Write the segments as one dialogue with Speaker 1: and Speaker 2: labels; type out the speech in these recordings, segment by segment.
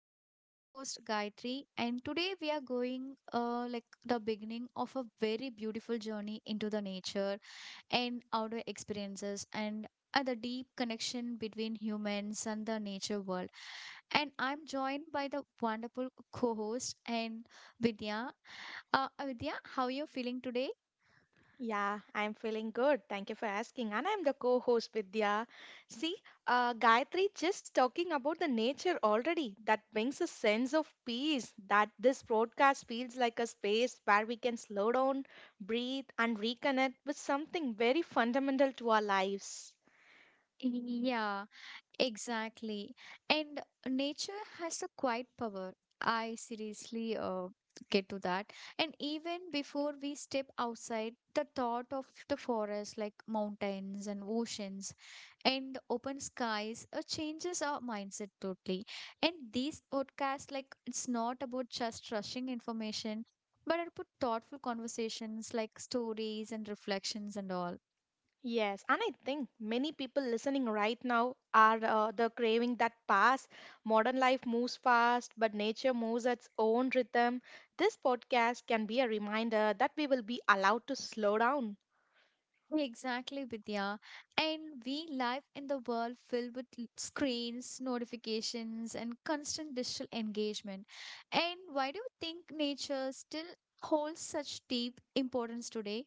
Speaker 1: and I'm your host Gayatri. And today we are going, like the beginning of a very beautiful journey into the nature and outdoor experiences, and the deep connection between humans and the nature world. And I'm joined by the wonderful co-host and Vidya. Vidya, how are you feeling today?
Speaker 2: Yeah, I'm feeling good. Thank you for asking. And I'm the co-host Vidya. See, Gayatri just talking about the nature already. That brings a sense of peace that this broadcast feels like a space where we can slow down, breathe, and reconnect with something very fundamental to our lives.
Speaker 1: Yeah. Exactly. And nature has a quiet power. I seriously get to that. And even before we step outside, the thought of the forest, like mountains and oceans and open skies, changes our mindset totally. And these podcasts, like, it's not about just rushing information, but about thoughtful conversations, like stories and reflections and all.
Speaker 2: Yes, and I think many people listening right now are the craving that pass. Modern life moves fast, but nature moves at its own rhythm. This podcast can be a reminder that we will be allowed to slow down.
Speaker 1: Exactly, Vidya. And we live in the world filled with screens, notifications, and constant digital engagement. And why do you think nature still holds such deep importance today?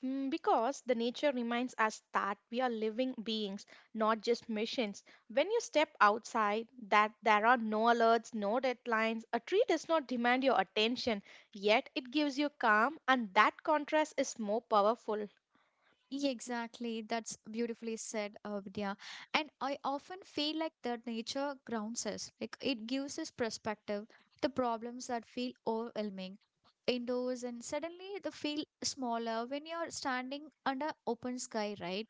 Speaker 2: Because the nature reminds us that we are living beings, not just machines. When you step outside, that there are no alerts, no deadlines. A tree does not demand your attention, yet it gives you calm, and that contrast is more powerful.
Speaker 1: Yeah, exactly, that's beautifully said, Vidya. And I often feel like that nature grounds us, like it gives us perspective to problems that feel overwhelming indoors, and suddenly they feel smaller when you're standing under open sky, right?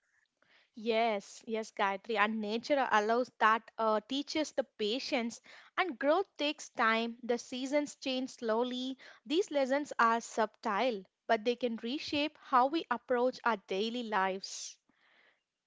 Speaker 2: Yes, yes, Gayatri. And nature allows that, teaches the patience, and growth takes time. The seasons change slowly. These lessons are subtle, but they can reshape how we approach our daily lives.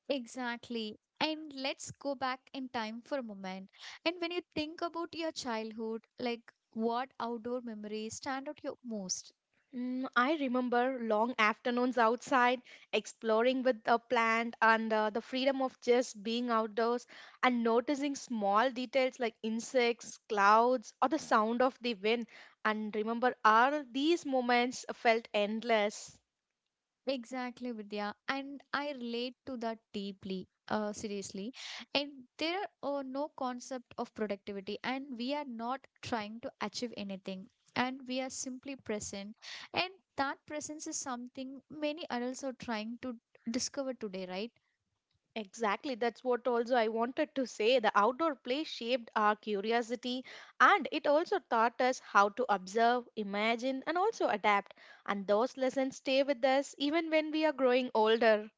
Speaker 1: Exactly. And let's go back in time for a moment. And when you think about your childhood, like what outdoor memories stand out your most?
Speaker 2: I remember long afternoons outside, exploring with a plant, and the freedom of just being outdoors and noticing small details like insects, clouds, or the sound of the wind. And remember, all these moments felt endless.
Speaker 1: Exactly, Vidya. And I relate to that deeply, seriously. And there are no concept of productivity, and we are not trying to achieve anything. And we are simply present. And that presence is something many adults are trying to discover today, right?
Speaker 2: Exactly, that's what also I wanted to say. The outdoor play shaped our curiosity and it also taught us how to observe, imagine, and also adapt. And those lessons stay with us even when we are growing older.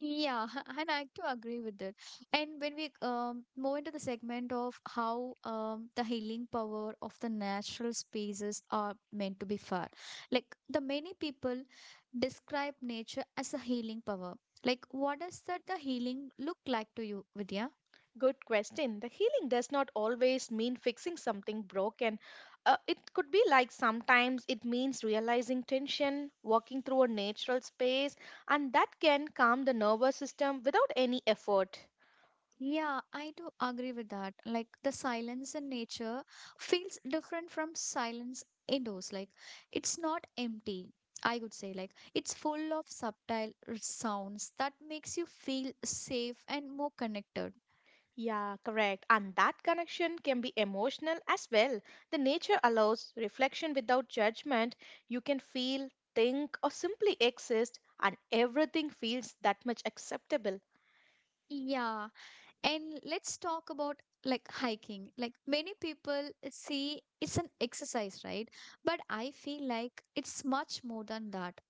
Speaker 1: Yeah, and I do agree with that. And when we move into the segment of how the healing power of the natural spaces are meant to be far, like the many people describe nature as a healing power. Like, what does that the healing look like to you, Vidya?
Speaker 2: Good question. The healing does not always mean fixing something broken. It could be like sometimes it means realizing tension, walking through a natural space, and that can calm the nervous system without any effort.
Speaker 1: Yeah, I do agree with that. Like the silence in nature feels different from silence indoors. Like it's not empty. I would say like it's full of subtle sounds that makes you feel safe and more connected.
Speaker 2: Yeah, correct. And that connection can be emotional as well. The nature allows reflection without judgment. You can feel, think, or simply exist, and everything feels that much acceptable.
Speaker 1: Yeah, and let's talk about like hiking. Like many people see it's an exercise, right? But I feel like it's much more than that.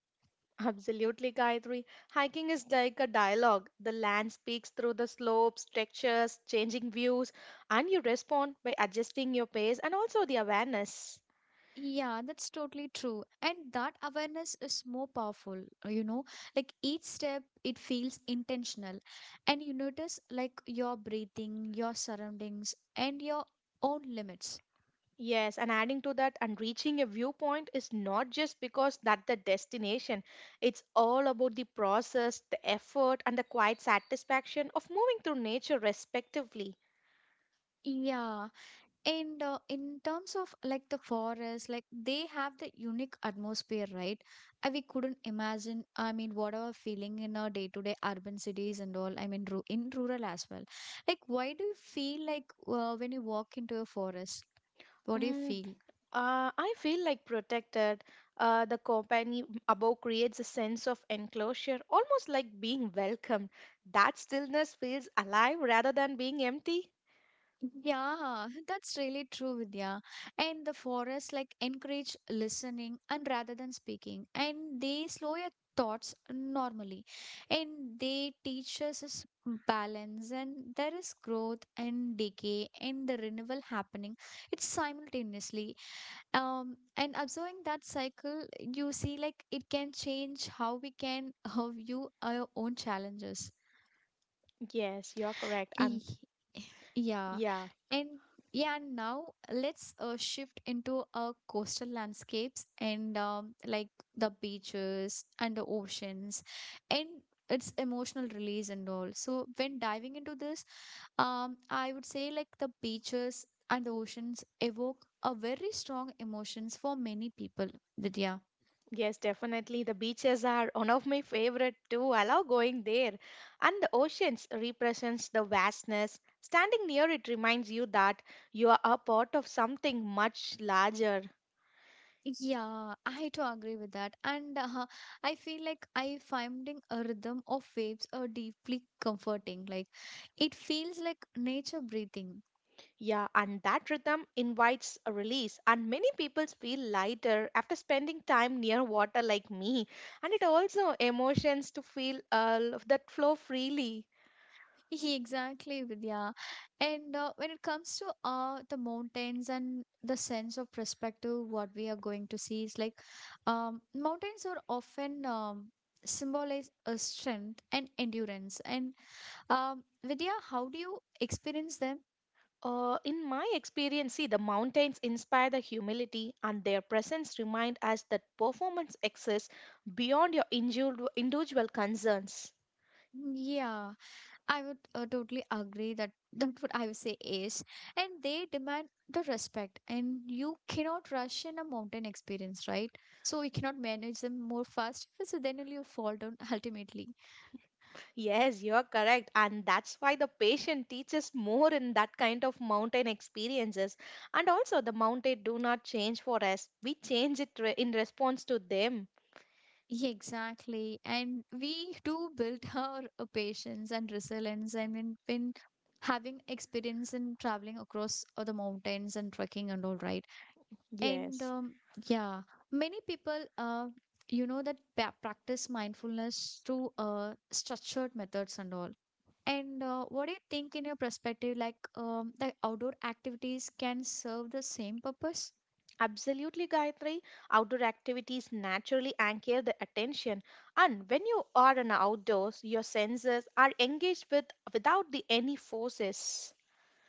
Speaker 2: Absolutely, Gayatri. Hiking is like a dialogue. The land speaks through the slopes, textures, changing views, and you respond by adjusting your pace and also the awareness.
Speaker 1: Yeah, that's totally true. And that awareness is more powerful, uh, you know, like each step it feels intentional, and you notice like your breathing, your surroundings, and your own limits.
Speaker 2: Yes, and adding to that, and reaching a viewpoint is not just because that the destination. It's all about the process, the effort, and the quiet satisfaction of moving through nature, respectively.
Speaker 1: Yeah, and in terms of like the forest, like they have the unique atmosphere, right? We couldn't imagine, I mean, whatever feeling in our day-to-day urban cities and all, I mean, ru in rural as well. Like, why do you feel like when you walk into a forest? What do you
Speaker 2: Mm.
Speaker 1: feel?
Speaker 2: I feel like protected. The company above creates a sense of enclosure, almost like being welcomed. That stillness feels alive rather than being empty.
Speaker 1: Yeah, that's really true, Vidya. And the forests like encourage listening and rather than speaking, and they slow your thoughts normally. And they teach us is balance, and there is growth and decay and the renewal happening. It's simultaneously. And observing that cycle, you see like it can change how we can view our own challenges.
Speaker 2: Yes, you're correct. And
Speaker 1: Yeah,
Speaker 2: yeah,
Speaker 1: and yeah, and now let's shift into coastal landscapes and, like the beaches and the oceans and its emotional release and all. So when diving into this, I would say like the beaches and the oceans evoke a very strong emotions for many people, Vidya.
Speaker 2: yes, definitely. The beaches are one of my favorite too. I love going there. And the oceans represents the vastness. Standing near it reminds you that you are a part of something much larger.
Speaker 1: Yeah, I to agree with that. And I feel like I finding a rhythm of waves are deeply comforting. Like it feels like nature breathing.
Speaker 2: Yeah, and that rhythm invites a release, and many people feel lighter after spending time near water like me. And it also emotions to feel that flow freely.
Speaker 1: Exactly, Vidya. And when it comes to the mountains and the sense of perspective, what we are going to see is like, mountains are often symbolize a strength and endurance. And Vidya, how do you experience them?
Speaker 2: In my experience, see, the mountains inspire the humility, and their presence remind us that performance exists beyond your individual concerns.
Speaker 1: Yeah. I would totally agree that what I would say is, and they demand the respect, and you cannot rush in a mountain experience, right? So you cannot manage them more fast, so then only you'll fall down ultimately.
Speaker 2: Yes, you're correct. And that's why the patient teaches more in that kind of mountain experiences. And also, the mountain do not change for us, we change in response to them.
Speaker 1: Yeah, exactly, and we do build our patience and resilience, and when having experience in traveling across the mountains and trekking and all, right? And
Speaker 2: Yes.
Speaker 1: yeah, many people, that practice mindfulness through structured methods and all. And what do you think in your perspective, like, the outdoor activities can serve the same purpose?
Speaker 2: Absolutely, Gayatri. Outdoor activities naturally anchor the attention, and when you are in outdoors, your senses are engaged with without the any forces.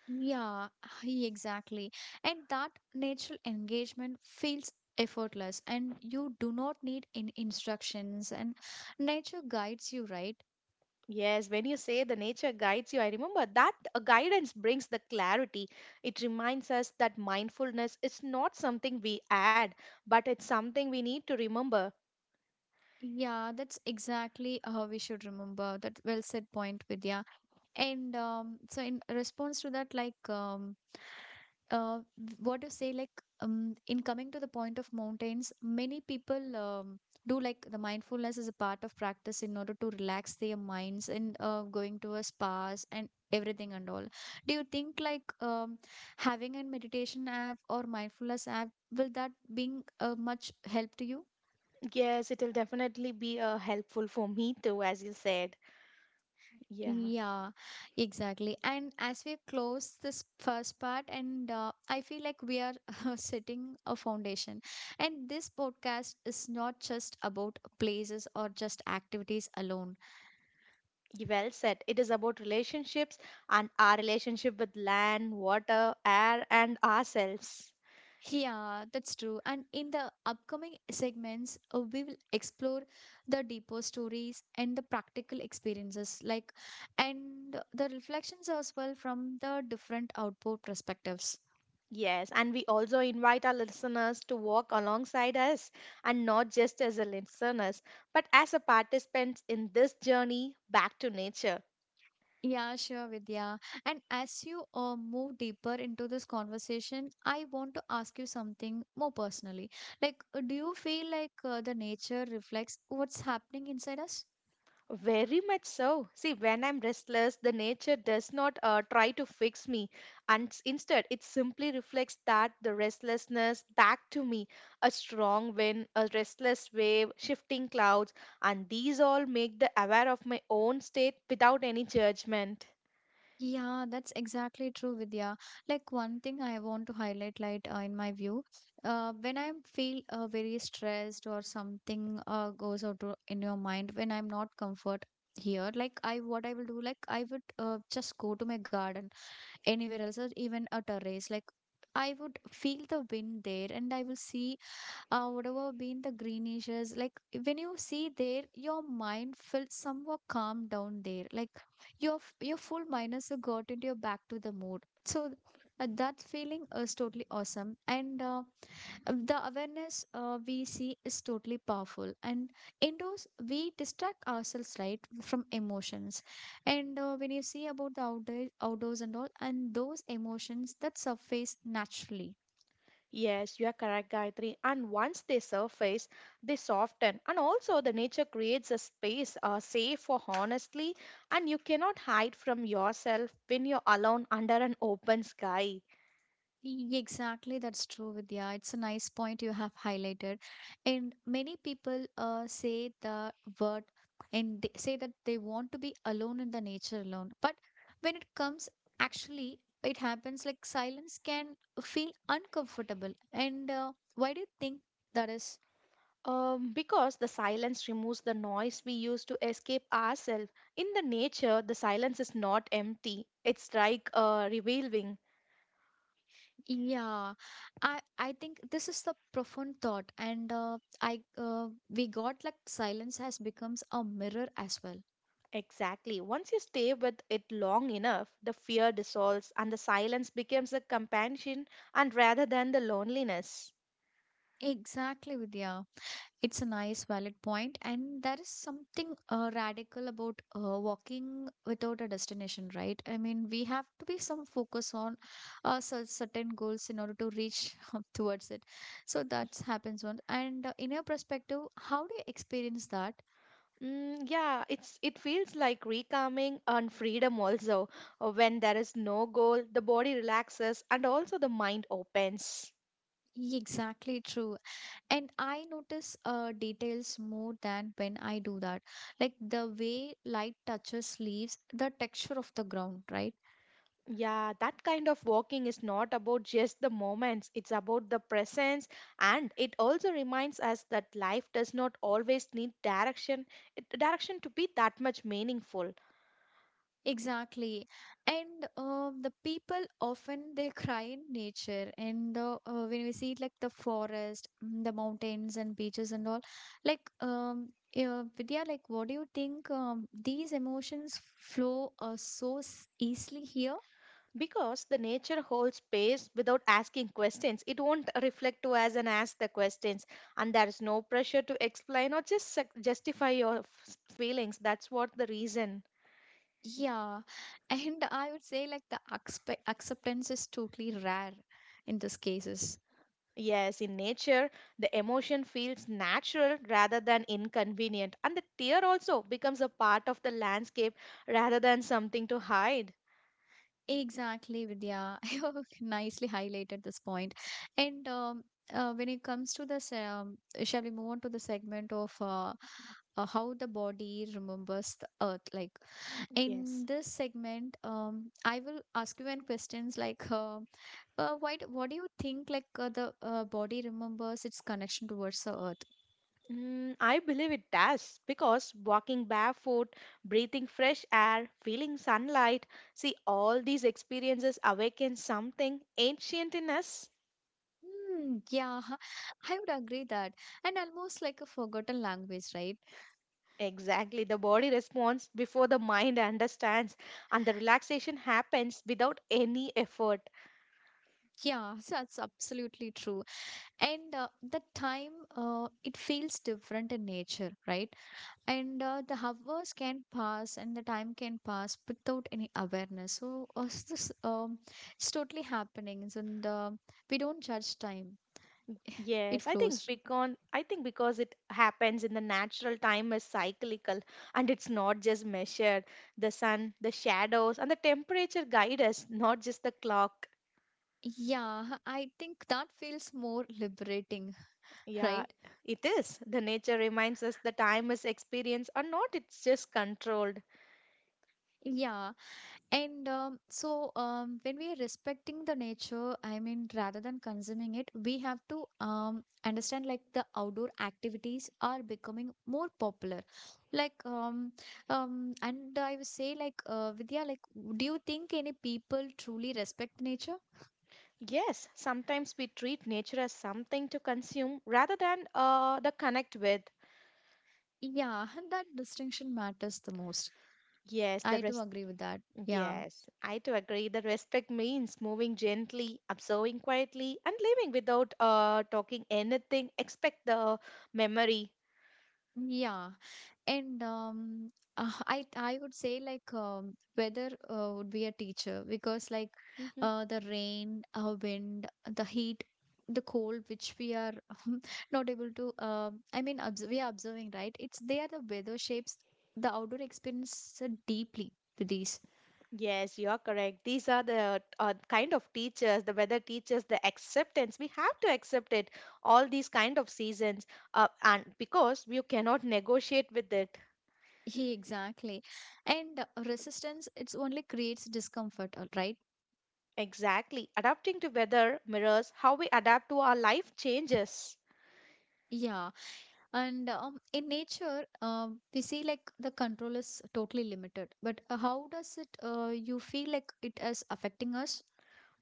Speaker 1: Yeah, exactly. And that natural engagement feels effortless, and you do not need any instructions, and nature guides you, right?
Speaker 2: Yes, when you say the nature guides you, I remember that guidance brings the clarity. It reminds us that mindfulness is not something we add, but it's something we need to remember.
Speaker 1: Yeah, that's exactly how we should remember that well said point, Vidya. And so, in response to that, like, uh, what you say, like, in coming to the point of mountains, many people do like the mindfulness as a part of practice in order to relax their minds and going to a spas and everything and all. Do you think like, having a meditation app or mindfulness app will that being much help to you?
Speaker 2: Yes, it'll definitely be helpful for me too, as you said. Yeah,
Speaker 1: Yeah, exactly. And as we close this first part, and I feel like we are setting a foundation. And this podcast is not just about places or just activities alone.
Speaker 2: well said. It is about relationships and our relationship with land, water, air, and ourselves.
Speaker 1: Yeah, that's true. And in the upcoming segments, we will explore the deeper stories and the practical experiences, like, and the reflections as well from the different output perspectives.
Speaker 2: Yes, and we also invite our listeners to walk alongside us and not just as a listeners, but as a participants in this journey back to nature.
Speaker 1: Yeah, sure, Vidya. And as you move deeper into this conversation, I want to ask you something more personally. Like, do you feel like the nature reflects what's happening inside us?
Speaker 2: Very much so. See, when I'm restless, the nature does not try to fix me, and instead, it simply reflects that the restlessness back to me. A strong wind, a restless wave, shifting clouds, and these all make the aware of my own state without any judgment.
Speaker 1: Yeah, that's exactly true, Vidya. Like, one thing I want to highlight, like, in my view, when I feel very stressed or something goes out to, in your mind, when I'm not comfort here, like, I what I will do, like, I would just go to my garden anywhere else or even a terrace, like I would feel the wind there, and I will see whatever been the greenishes. Like when you see there, your mind feels somewhat calm down there, like your full mind has got into your back to the mood. So that feeling is totally awesome. And the awareness we see is totally powerful. And indoors we distract ourselves, right, from emotions. And when you see about the outdoors and all, and those emotions that surface naturally.
Speaker 2: Yes, you are correct, Gayatri. And once they surface, they soften. And also, the nature creates a space safe for honestly, and you cannot hide from yourself when you're alone under an open sky.
Speaker 1: Exactly, that's true, Vidya. It's a nice point you have highlighted. And many people say the word, and they say that they want to be alone in the nature alone. But when it comes, actually, it happens like silence can feel uncomfortable. And why do you think that is?
Speaker 2: Because the silence removes the noise we use to escape ourselves. In the nature, the silence is not empty, it's like revealing.
Speaker 1: Yeah, I think this is the profound thought, and I we got like silence has becomes a mirror as well.
Speaker 2: Exactly. Once you stay with it long enough, the fear dissolves and the silence becomes a companion and rather than the loneliness.
Speaker 1: Exactly, Vidya. It's a nice, valid point, and there is something radical about walking without a destination, right? I mean, we have to be some focus on certain goals in order to reach up towards it. So that happens on. And in your perspective, how do you experience that?
Speaker 2: Mm, yeah, it feels like recalming and freedom also. When there is no goal, the body relaxes and also the mind opens.
Speaker 1: Exactly true. And I notice details more than when I do that. Like the way light touches leaves, the texture of the ground, right?
Speaker 2: Yeah, that kind of walking is not about just the moments, it's about the presence and it also reminds us that life does not always need direction, direction to be that much meaningful.
Speaker 1: Exactly. And the people often they cry in nature and the, when we see like the forest, the mountains and beaches and all, like, yeah, Vidya, like what do you think, these emotions flow so easily here?
Speaker 2: Because the nature holds space without asking questions, it won't reflect to us and ask the questions, and there is no pressure to explain or just justify your feelings. That's what the reason.
Speaker 1: Yeah. And I would say like the acceptance is totally rare in these cases.
Speaker 2: Yes, in nature, the emotion feels natural rather than inconvenient, and the tear also becomes a part of the landscape rather than something to hide.
Speaker 1: Exactly, Vidya. You nicely highlighted this point. And when it comes to this, shall we move on to the segment of how the body remembers the earth? Like in
Speaker 2: Yes.
Speaker 1: this segment, I will ask you an questions like, why? What do you think? Like the body remembers its connection towards the earth.
Speaker 2: I believe it does because walking barefoot, breathing fresh air, feeling sunlight, see, all these experiences awaken something ancient in us.
Speaker 1: Hmm, yeah, I would agree that, and almost like a forgotten language, right?
Speaker 2: Exactly, the body responds before the mind understands, and the relaxation happens without any effort.
Speaker 1: Yeah, so that's absolutely true. And the time, it feels different in nature, right? And the hours can pass and the time can pass without any awareness. So this, it's totally happening. And we don't judge time, it
Speaker 2: Yes,
Speaker 1: flows.
Speaker 2: I think because it happens in the natural time is cyclical and it's not just measured. The sun, the shadows, and the temperature guide us, not just the clock.
Speaker 1: Yeah, I think that feels more liberating,
Speaker 2: Yeah,
Speaker 1: right?
Speaker 2: it is. The nature reminds us the time is experience or not, it's just controlled.
Speaker 1: Yeah. And when we are respecting the nature, I mean, rather than consuming it, we have to understand like the outdoor activities are becoming more popular. Like, and I would say, like, Vidya, like, do you think any people truly respect nature?
Speaker 2: Yes, sometimes we treat nature as something to consume rather than the connect with.
Speaker 1: Yeah, that distinction matters the most.
Speaker 2: Yes, the
Speaker 1: I do
Speaker 2: rest.
Speaker 1: agree with that. Yeah.
Speaker 2: Yes, I too agree. The respect means moving gently, observing quietly, and living without talking anything. Expect the memory.
Speaker 1: Yeah. And I would say like weather would be a teacher because like the rain, wind, the heat, the cold, which we are not able to. I mean, we are observing, right? It's they are the weather shapes the outdoor experience deeply to these.
Speaker 2: Yes, you are correct. These are the kind of teachers, the weather teachers, the acceptance. We have to accept it, all these kind of seasons, and because we cannot negotiate with it.
Speaker 1: Yeah, exactly. And resistance, it's only creates discomfort, all right?
Speaker 2: Exactly. Adapting to weather mirrors how we adapt to our life changes.
Speaker 1: Yeah. And in nature, we see like the control is totally limited. But you feel like it is affecting us?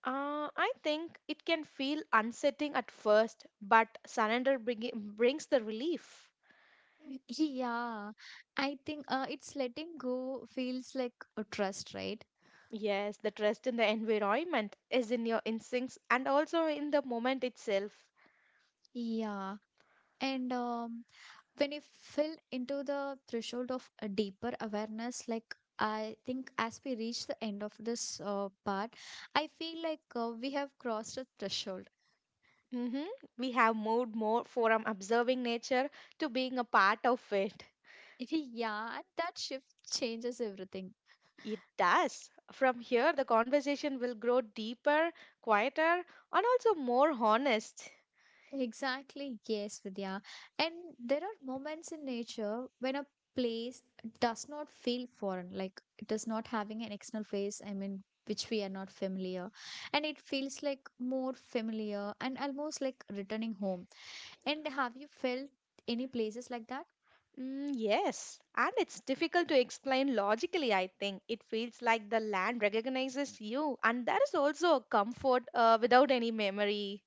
Speaker 2: I think it can feel unsettling at first, but brings the relief.
Speaker 1: Yeah, I think it's letting go feels like a trust, right?
Speaker 2: Yes, the trust in the environment is in your instincts and also in the moment itself.
Speaker 1: Yeah. And when you fill into the threshold of a deeper awareness, like I think as we reach the end of this part, I feel like we have crossed a threshold.
Speaker 2: Hmm. We have moved more from observing nature to being a part of it.
Speaker 1: Yeah, and that shift changes everything.
Speaker 2: It does. From here, the conversation will grow deeper, quieter, and also more honest.
Speaker 1: Exactly, yes, Vidya. And there are moments in nature when a place does not feel foreign, like it is not having an external face, I mean, which we are not familiar. And it feels like more familiar and almost like returning home. And have you felt any places like that?
Speaker 2: Mm, yes, and it's difficult to explain logically, I think. It feels like the land recognizes you, and that is also a comfort without any memory.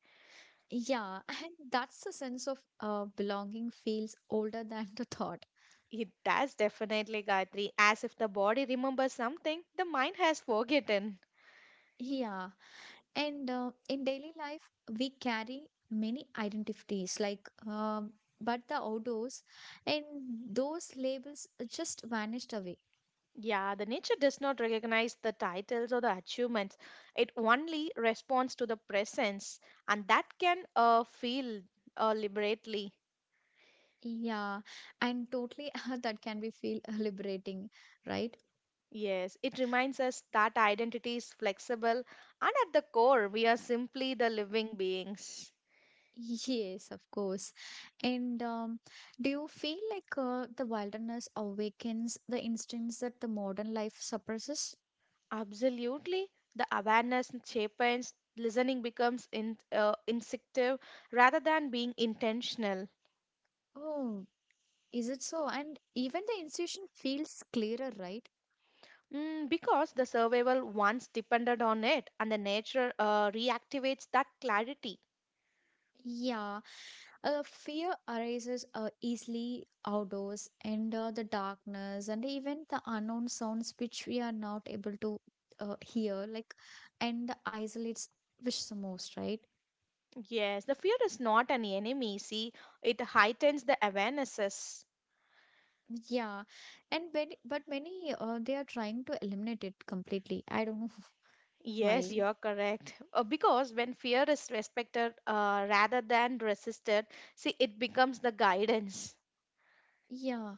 Speaker 1: Yeah, and that's the sense of belonging feels older than the thought.
Speaker 2: It does definitely, Gayatri, as if the body remembers something the mind has forgotten.
Speaker 1: Yeah. And in daily life, we carry many identities, like, but the outdoors and those labels just vanished away.
Speaker 2: Yeah, the nature does not recognize the titles or the achievements. It only responds to the presence, and that can feel liberately.
Speaker 1: Yeah, and totally that can be feel liberating, right?
Speaker 2: Yes, it reminds us that identity is flexible, and at the core, we are simply the living beings.
Speaker 1: Yes, of course. And do you feel like the wilderness awakens the instincts that the modern life suppresses?
Speaker 2: Absolutely, the awareness cheapens. Listening becomes instinctive rather than being intentional.
Speaker 1: Oh, is it so? And even the institution feels clearer, right?
Speaker 2: Mm, because the survival once depended on it and the nature reactivates that clarity.
Speaker 1: Yeah, fear arises easily outdoors, and the darkness and even the unknown sounds which we are not able to hear, like, and the isolates which the most, right?
Speaker 2: Yes, the fear is not an enemy. See, it heightens the awarenesses.
Speaker 1: Yeah, and but many they are trying to eliminate it completely. I don't know
Speaker 2: Yes,
Speaker 1: why.
Speaker 2: you're correct. Because when fear is respected rather than resisted, see, it becomes the guidance.
Speaker 1: Yeah.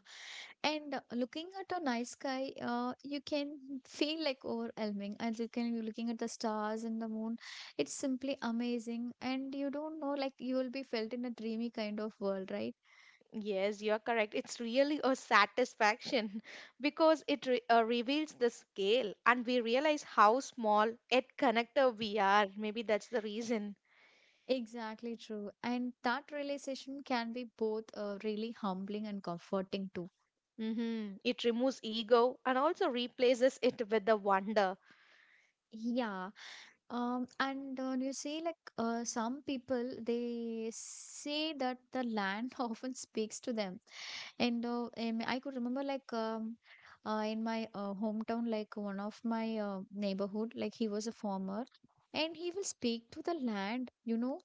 Speaker 1: And looking at a night sky, you can feel like overwhelming. And you can be looking at the stars and the moon. It's simply amazing. And you don't know, like, you will be felt in a dreamy kind of world, right?
Speaker 2: Yes, you're correct. It's really a satisfaction because it reveals the scale and we realize how small yet connected we are. Maybe that's the reason.
Speaker 1: Exactly true. And that realization can be both really humbling and comforting too.
Speaker 2: Hmm. It removes ego and also replaces it with the wonder.
Speaker 1: Yeah. And you see, like, some people, they say that the land often speaks to them. And I could remember like in my hometown, like one of my neighborhood, like he was a farmer, and he will speak to the land,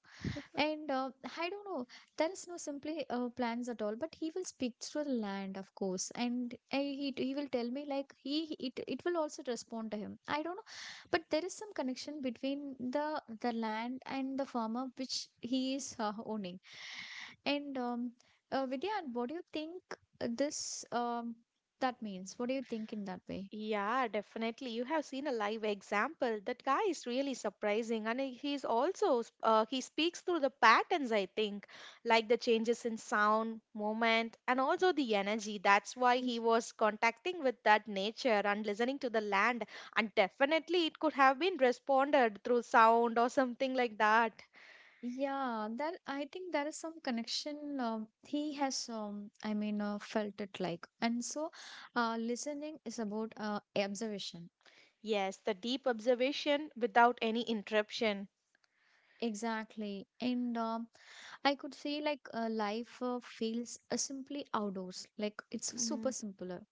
Speaker 1: and I don't know, there is no simply plans at all. But he will speak through the land, of course, and he will tell me like it will also respond to him. I don't know, but there is some connection between the land and the farmer which he is owning. And Vidya, and what do you think this that means? What do you think in that way?
Speaker 2: Yeah, definitely. You have seen a live example. That guy is really surprising, and he speaks through the patterns. I think, like the changes in sound, moment, and also the energy. That's why he was contacting with that nature and listening to the land. And definitely, it could have been responded through sound or something like that.
Speaker 1: Yeah, that I think there is some connection, he has, I mean, felt it like. And so listening is about observation.
Speaker 2: Yes, the deep observation without any interruption.
Speaker 1: Exactly. And I could say like life feels simply outdoors. Like it's
Speaker 2: Hmm.
Speaker 1: super simpler.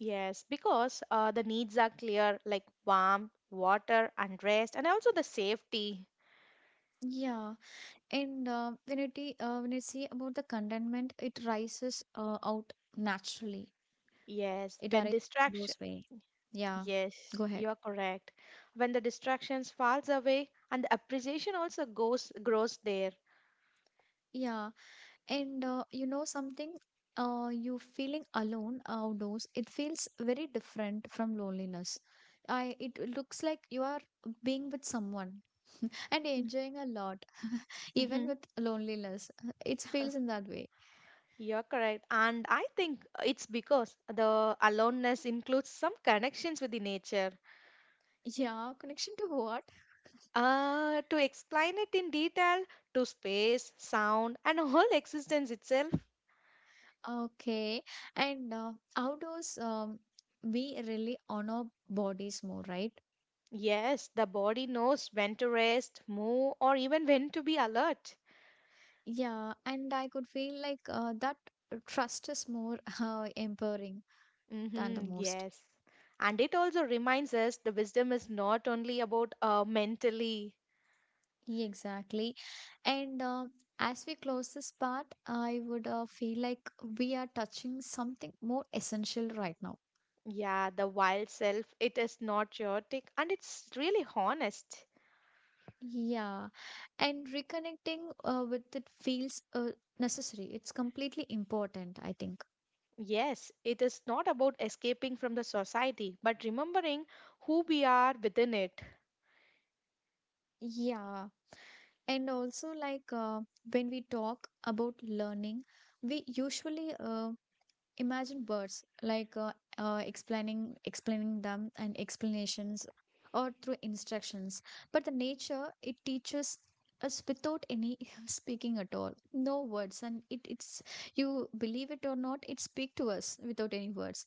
Speaker 2: Yes, because the needs are clear, like warmth, water, and rest, and also the safety.
Speaker 1: Yeah. And when you see about the contentment, it rises out naturally.
Speaker 2: Yes,
Speaker 1: It
Speaker 2: when
Speaker 1: arises
Speaker 2: distraction.
Speaker 1: those way. Yeah.
Speaker 2: Yes,
Speaker 1: Go ahead.
Speaker 2: you are correct. When the distractions falls away, and the appreciation also goes grows there.
Speaker 1: Yeah. And you know something, you feeling alone outdoors, it feels very different from loneliness. I it looks like you are being with someone and
Speaker 2: Mm.
Speaker 1: enjoying a lot, even
Speaker 2: Mm-hmm.
Speaker 1: with loneliness. It feels in that way.
Speaker 2: You're correct, and I think it's because the aloneness includes some connections with the nature.
Speaker 1: Yeah, connection to what?
Speaker 2: To explain it in detail, to space, sound, and whole existence itself.
Speaker 1: Okay, and outdoors, we really honor bodies more, right?
Speaker 2: Yes, the body knows when to rest, move, or even when to be alert.
Speaker 1: Yeah, and I could feel like that trust is more empowering than the
Speaker 2: Mm-hmm,
Speaker 1: most.
Speaker 2: yes. And it also reminds us the wisdom is not only about mentally,
Speaker 1: Yeah, exactly. And as we close this part, I would feel like we are touching something more essential right now.
Speaker 2: yeah, the wild self. It is not chaotic and it's really honest.
Speaker 1: Yeah. And reconnecting with it feels necessary. It's completely important, I think.
Speaker 2: Yes, it is not about escaping from the society, but remembering who we are within it.
Speaker 1: Yeah. And also, like when we talk about learning, we usually imagine words like explaining them and explanations, or through instructions. But the nature, it teaches us without any speaking at all. No words. And you believe it or not, it speak to us without any words.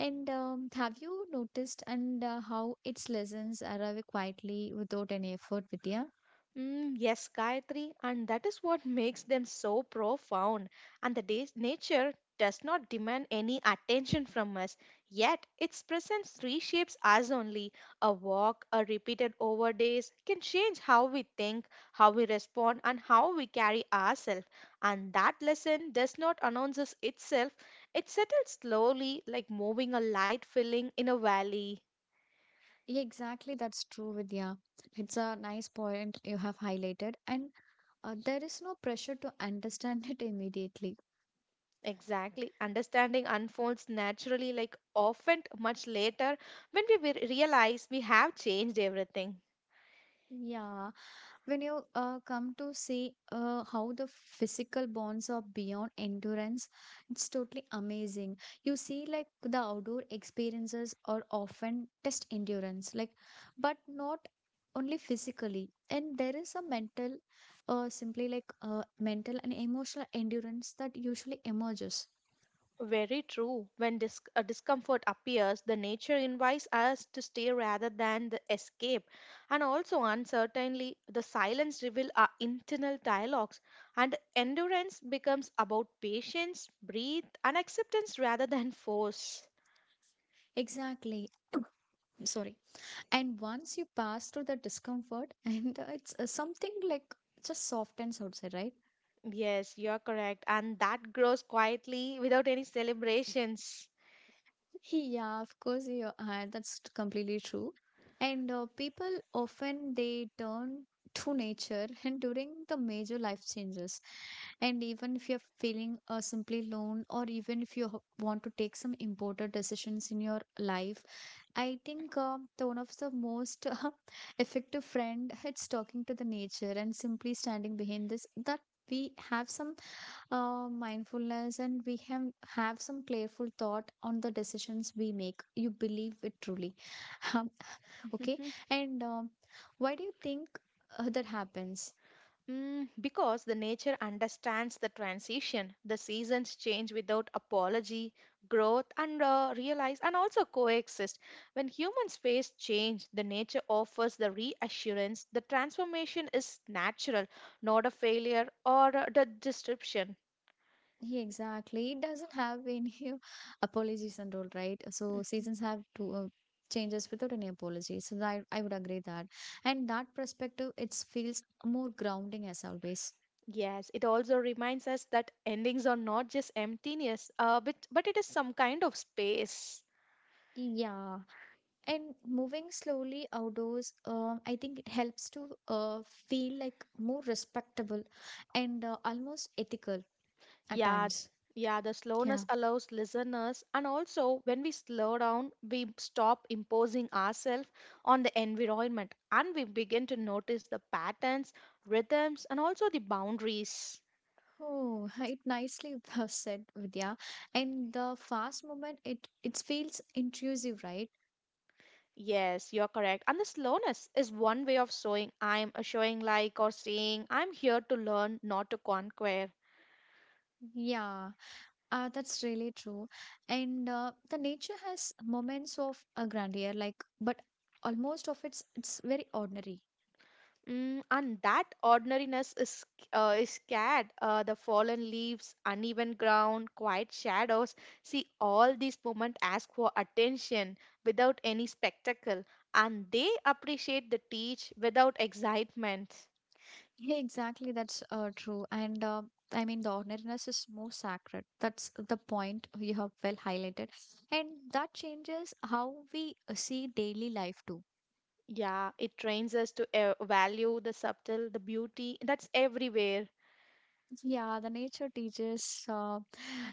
Speaker 1: And have you noticed and how its lessons arrive quietly without any effort, Vidya?
Speaker 2: Mm, yes, Gayatri, and that is what makes them so profound. And the day's nature does not demand any attention from us, yet its presence reshapes us only. A walk, a repeated over days can change how we think, how we respond, and how we carry ourselves. And that lesson does not announce us itself, it settles slowly, like moving a light filling in a valley.
Speaker 1: Yeah, exactly. That's true, Vidya. It's a nice point you have highlighted. And there is no pressure to understand it immediately.
Speaker 2: Exactly. Understanding unfolds naturally, like often much later, when we realize we have changed everything.
Speaker 1: Yeah, when you come to see how the physical bonds are beyond endurance, it's totally amazing. You see, like the outdoor experiences are often test endurance, like, but not only physically. And there is simply like mental and emotional endurance that usually emerges.
Speaker 2: Very true. When a discomfort appears, the nature invites us to stay rather than the escape. And also, uncertainly, the silence reveals our internal dialogues. And endurance becomes about patience, breathe, and acceptance rather than force.
Speaker 1: Exactly. Sorry. And once you pass through the discomfort and it's something like just softens outside, right?
Speaker 2: Yes, you're correct. And that grows quietly without any celebrations.
Speaker 1: Yeah, of course, yeah, that's completely true. And people often they turn to nature and during the major life changes, and even if you're feeling simply alone, or even if you want to take some important decisions in your life, I think the one of the most effective friend it's talking to the nature and simply standing behind this that we have some mindfulness, and we have some careful thought on the decisions we make. You believe it truly, Um, okay?
Speaker 2: Mhm.
Speaker 1: And why do you think that happens?
Speaker 2: Mm, because the nature understands the transition, the seasons change without apology, growth and realize and also coexist. When humans face change, the nature offers the reassurance the transformation is natural, not a failure or the disruption.
Speaker 1: Yeah, exactly. It doesn't have any apologies and all, right? So
Speaker 2: Mhm.
Speaker 1: seasons have to changes without any apologies. So I would agree that, and that perspective it feels more grounding as always.
Speaker 2: Yes, it also reminds us that endings are not just emptiness, but it is some kind of space.
Speaker 1: Yeah, and moving slowly outdoors, I think it helps to feel like more respectable and almost ethical at
Speaker 2: Yeah,
Speaker 1: times.
Speaker 2: yeah, the
Speaker 1: Yeah.
Speaker 2: slowness allows listeners, and also when we slow down, we stop imposing ourselves on the environment and we begin to notice the patterns, rhythms, and also the boundaries.
Speaker 1: Oh, it nicely said, Vidya. And the fast movement, it feels intrusive, right?
Speaker 2: Yes, you're correct. And the slowness is one way of showing I'm showing like or saying I'm here to learn, not to conquer.
Speaker 1: Yeah, that's really true. And the nature has moments of a grandeur, like, but almost of it's very ordinary.
Speaker 2: Mm, and that ordinariness is scared. The fallen leaves, uneven ground, quiet shadows. See, all these moments ask for attention without any spectacle, and they appreciate the teach without excitement.
Speaker 1: Yeah, exactly. That's true. And I mean, the ordinariness is more sacred. That's the point you have well highlighted, and that changes how we see daily life too.
Speaker 2: Yeah, it trains us to value the subtle, the beauty that's everywhere.
Speaker 1: Yeah, the nature teaches.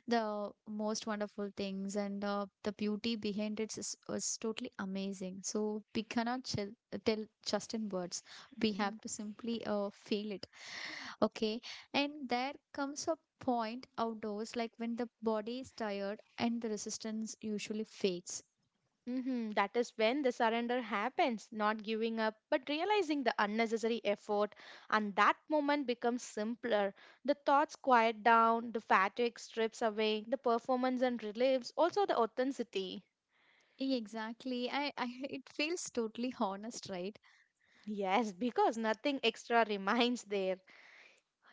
Speaker 1: The most wonderful things, and the beauty behind it is totally amazing, so we cannot tell just in words. We have to simply feel it. Okay. And there comes a point outdoors like when the body is tired and the resistance usually fades.
Speaker 2: Hmm. That is when the surrender happens, not giving up, but realizing the unnecessary effort. And that moment becomes simpler. The thoughts quiet down, the fatigue strips away, the performance and relieves also the authenticity.
Speaker 1: Exactly. I it feels totally honest, right?
Speaker 2: Yes, because nothing extra remains there.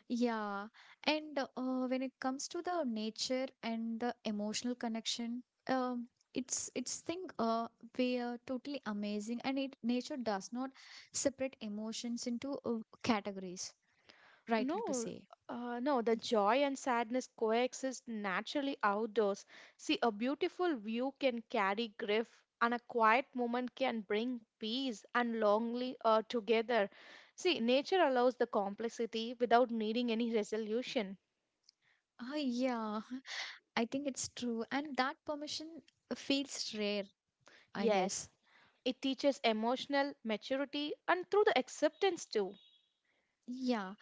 Speaker 1: Yeah. And when it comes to the nature and the emotional connection, it's thing we are totally amazing, and it nature does not separate emotions into categories, rightly to
Speaker 2: No,
Speaker 1: say.
Speaker 2: no, the joy and sadness coexist naturally outdoors. See, a beautiful view can carry grief, and a quiet moment can bring peace and longing together. See, nature allows the complexity without needing any resolution.
Speaker 1: Ah, yeah, I think it's true. And that permission feels rare, I
Speaker 2: Yes,
Speaker 1: guess.
Speaker 2: it teaches emotional maturity and through the acceptance too.
Speaker 1: Yeah.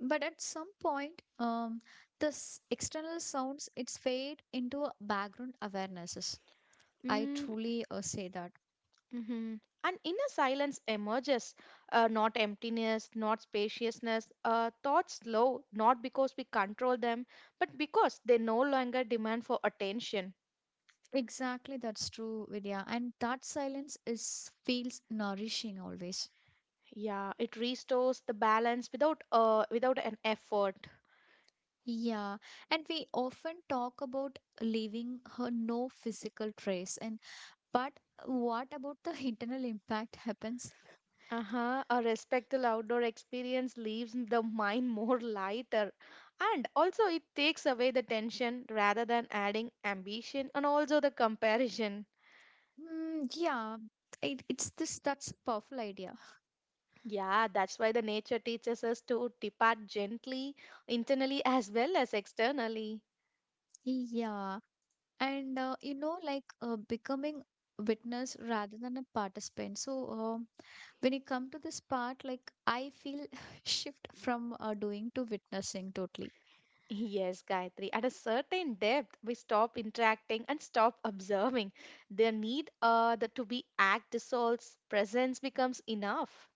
Speaker 1: But at some point, this external sounds it's fade into a background awarenesses. I
Speaker 2: Mm,
Speaker 1: truly say that.
Speaker 2: hmm An inner silence emerges, not emptiness, not spaciousness. Thoughts slow, not because we control them, but because they no longer demand for attention.
Speaker 1: Exactly, that's true, Vidya. And that silence is feels nourishing always.
Speaker 2: Yeah, it restores the balance without without an effort.
Speaker 1: Yeah, and we often talk about leaving her no physical trace, and but what about the internal impact happens?
Speaker 2: Uh-huh. A respectful outdoor experience leaves the mind more lighter, and also it takes away the tension rather than adding ambition and also the comparison.
Speaker 1: Mm, yeah, it's this that's a powerful idea.
Speaker 2: Yeah, that's why the nature teaches us to depart gently, internally as well as externally.
Speaker 1: Yeah, and like becoming witness rather than a participant. So when you come to this part, like I feel shift from doing to witnessing totally.
Speaker 2: Yes, Gayatri. At a certain depth, we stop interacting and stop observing. The need to be act dissolves, presence becomes enough.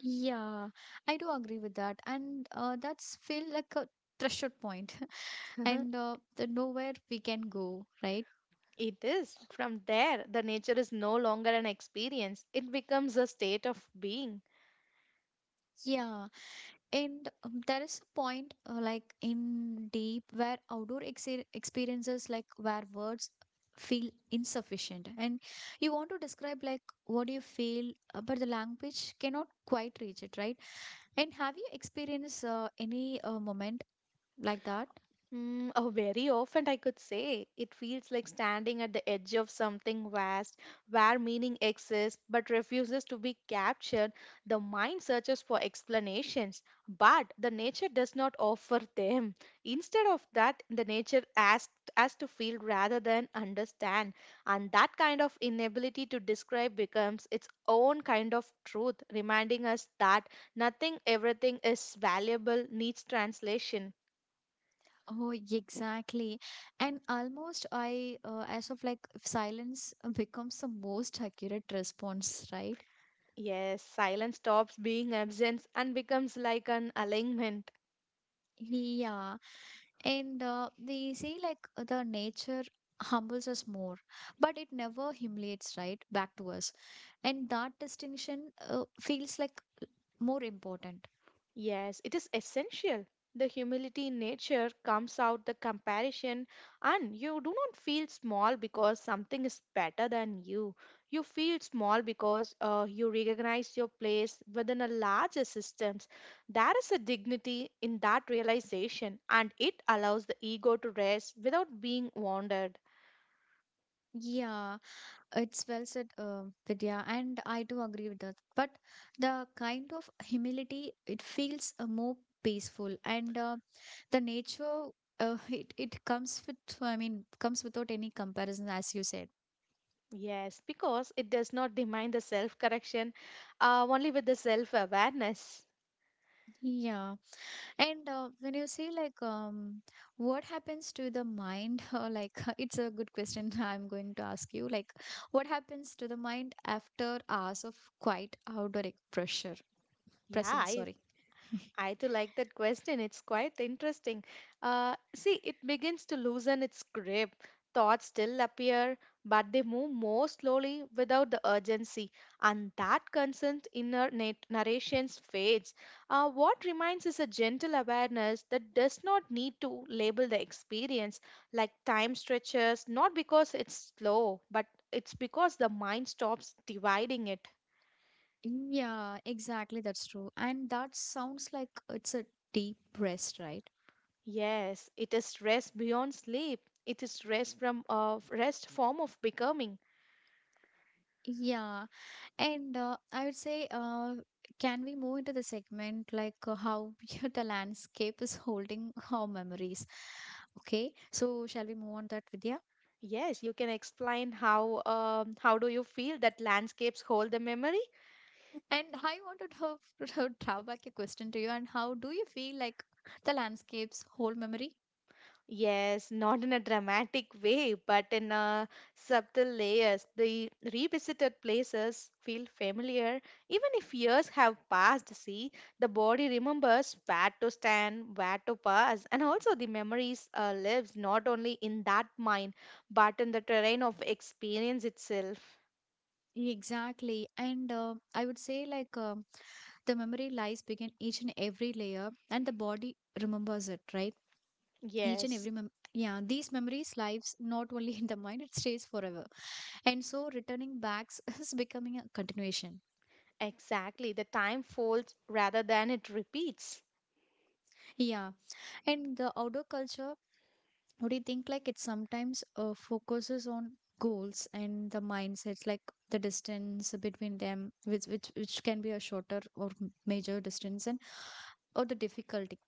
Speaker 1: Yeah, I do agree with that, and that's feel like a threshold point, and the nowhere we can go, right?
Speaker 2: It is. From there, the nature is no longer an experience, it becomes a state of being.
Speaker 1: Yeah. And there is a point, like in deep where outdoor exer experiences, like where words feel insufficient, and you want to describe like what you feel, but the language cannot quite reach it, right? And have you experienced any moment like that?
Speaker 2: Mm, oh, very often I could say it feels like standing at the edge of something vast where meaning exists but refuses to be captured. The mind searches for explanations, but the nature does not offer them. Instead of that, the nature asks us to feel rather than understand, and that kind of inability to describe becomes its own kind of truth, reminding us that nothing, everything is valuable, needs translation.
Speaker 1: Oh, exactly. And almost I as of like silence becomes the most accurate response, right?
Speaker 2: Yes, silence stops being absence and becomes like an alignment.
Speaker 1: Yeah. And they say like the nature humbles us more, but it never humiliates right back to us. And that distinction feels like more important.
Speaker 2: Yes, it is essential. The humility in nature comes out the comparison, and you do not feel small because something is better than you. You feel small because you recognize your place within a larger systems. There is a dignity in that realization, and it allows the ego to rest without being wounded.
Speaker 1: Yeah, it's well said, Vidya, and I do agree with that. But the kind of humility, it feels more peaceful, and the nature, it I mean, comes without any comparison, as you said.
Speaker 2: Yes, because it does not demand the self correction, only with the self awareness.
Speaker 1: Yeah. And when you say like, what happens to the mind? Like, it's a good question. I'm going to ask you. Like, what happens to the mind after hours of quiet outdoor pressure
Speaker 2: Yeah,
Speaker 1: presence? Sorry.
Speaker 2: I too like that question. It's quite interesting. See, it begins to loosen its grip. Thoughts still appear, but they move more slowly without the urgency, and that constant inner narrations fades. What remains is a gentle awareness that does not need to label the experience, like time stretches, not because it's slow, but it's because the mind stops dividing it.
Speaker 1: Yeah, exactly. That's true. And that sounds like it's a deep rest, right?
Speaker 2: Yes, it is rest beyond sleep. It is rest from a rest form of becoming.
Speaker 1: Yeah, And I would say, can we move into the segment like how the landscape is holding our memories? Okay, so shall we move on that, Vidya?
Speaker 2: Yes, you can explain how do you feel that landscapes hold the memory?
Speaker 1: And I wanted to throw back a question to you. And how do you feel like the landscapes hold memory?
Speaker 2: Yes, not in a dramatic way, but in a subtle layers. The revisited places feel familiar, even if years have passed. See, the body remembers where to stand, where to pass, and also the memories lives not only in that mind, but in the terrain of experience itself.
Speaker 1: Exactly, and I would say like the memory lies begin each and every layer, and the body remembers it, right? Each and every
Speaker 2: Yes,
Speaker 1: mem yeah, these memories lives not only in the mind; it stays forever. And so returning backs is becoming a continuation.
Speaker 2: exactly. The time folds rather than it repeats.
Speaker 1: Yeah. And the outdoor culture, what do you think? Like it sometimes focuses on goals and the mindsets, like the distance between them, which can be a shorter or major distance, and or the difficulty.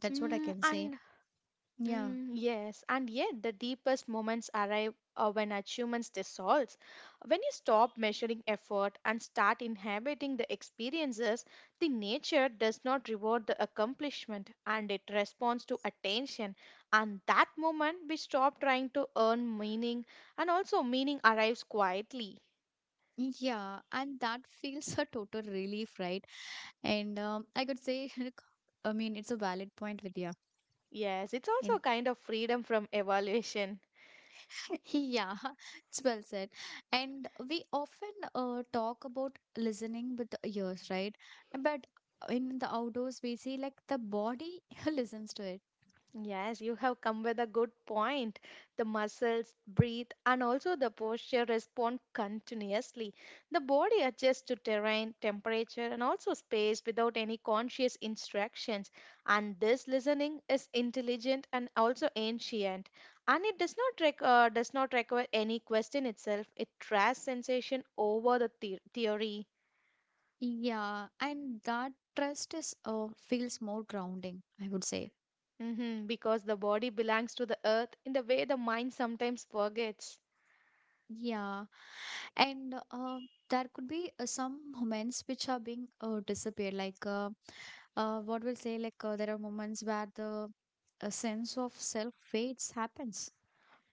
Speaker 1: That's what I
Speaker 2: Mm,
Speaker 1: can say.
Speaker 2: and.
Speaker 1: Yeah.
Speaker 2: Mm, yes, and yet the deepest moments arrive when achievements dissolves. When you stop measuring effort and start inhabiting the experiences, the nature does not reward the accomplishment and it responds to attention. And that moment we stop trying to earn meaning and also meaning arrives quietly.
Speaker 1: Yeah, and that feels a total relief, right? And I could say, I mean, it's a valid point, Vidya.
Speaker 2: Yes, it's also
Speaker 1: And
Speaker 2: a kind of freedom from evaluation.
Speaker 1: Yeah, it's well said. And we often talk about listening with the ears, right? But in the outdoors, we see like the body listens to it.
Speaker 2: Yes, you have come with a good point. The muscles breathe and also the posture respond continuously. The body adjusts to terrain, temperature, and also space without any conscious instructions. And this listening is intelligent and also ancient. And it does not require any question itself. It trusts sensation over the theory.
Speaker 1: Yeah, and that trust is feels more grounding, I would say.
Speaker 2: Hmm, because the body belongs to the earth in the way the mind sometimes forgets.
Speaker 1: Yeah, and there could be some moments which are being disappeared, like what we'll say, like there are moments where the a sense of self fades happens.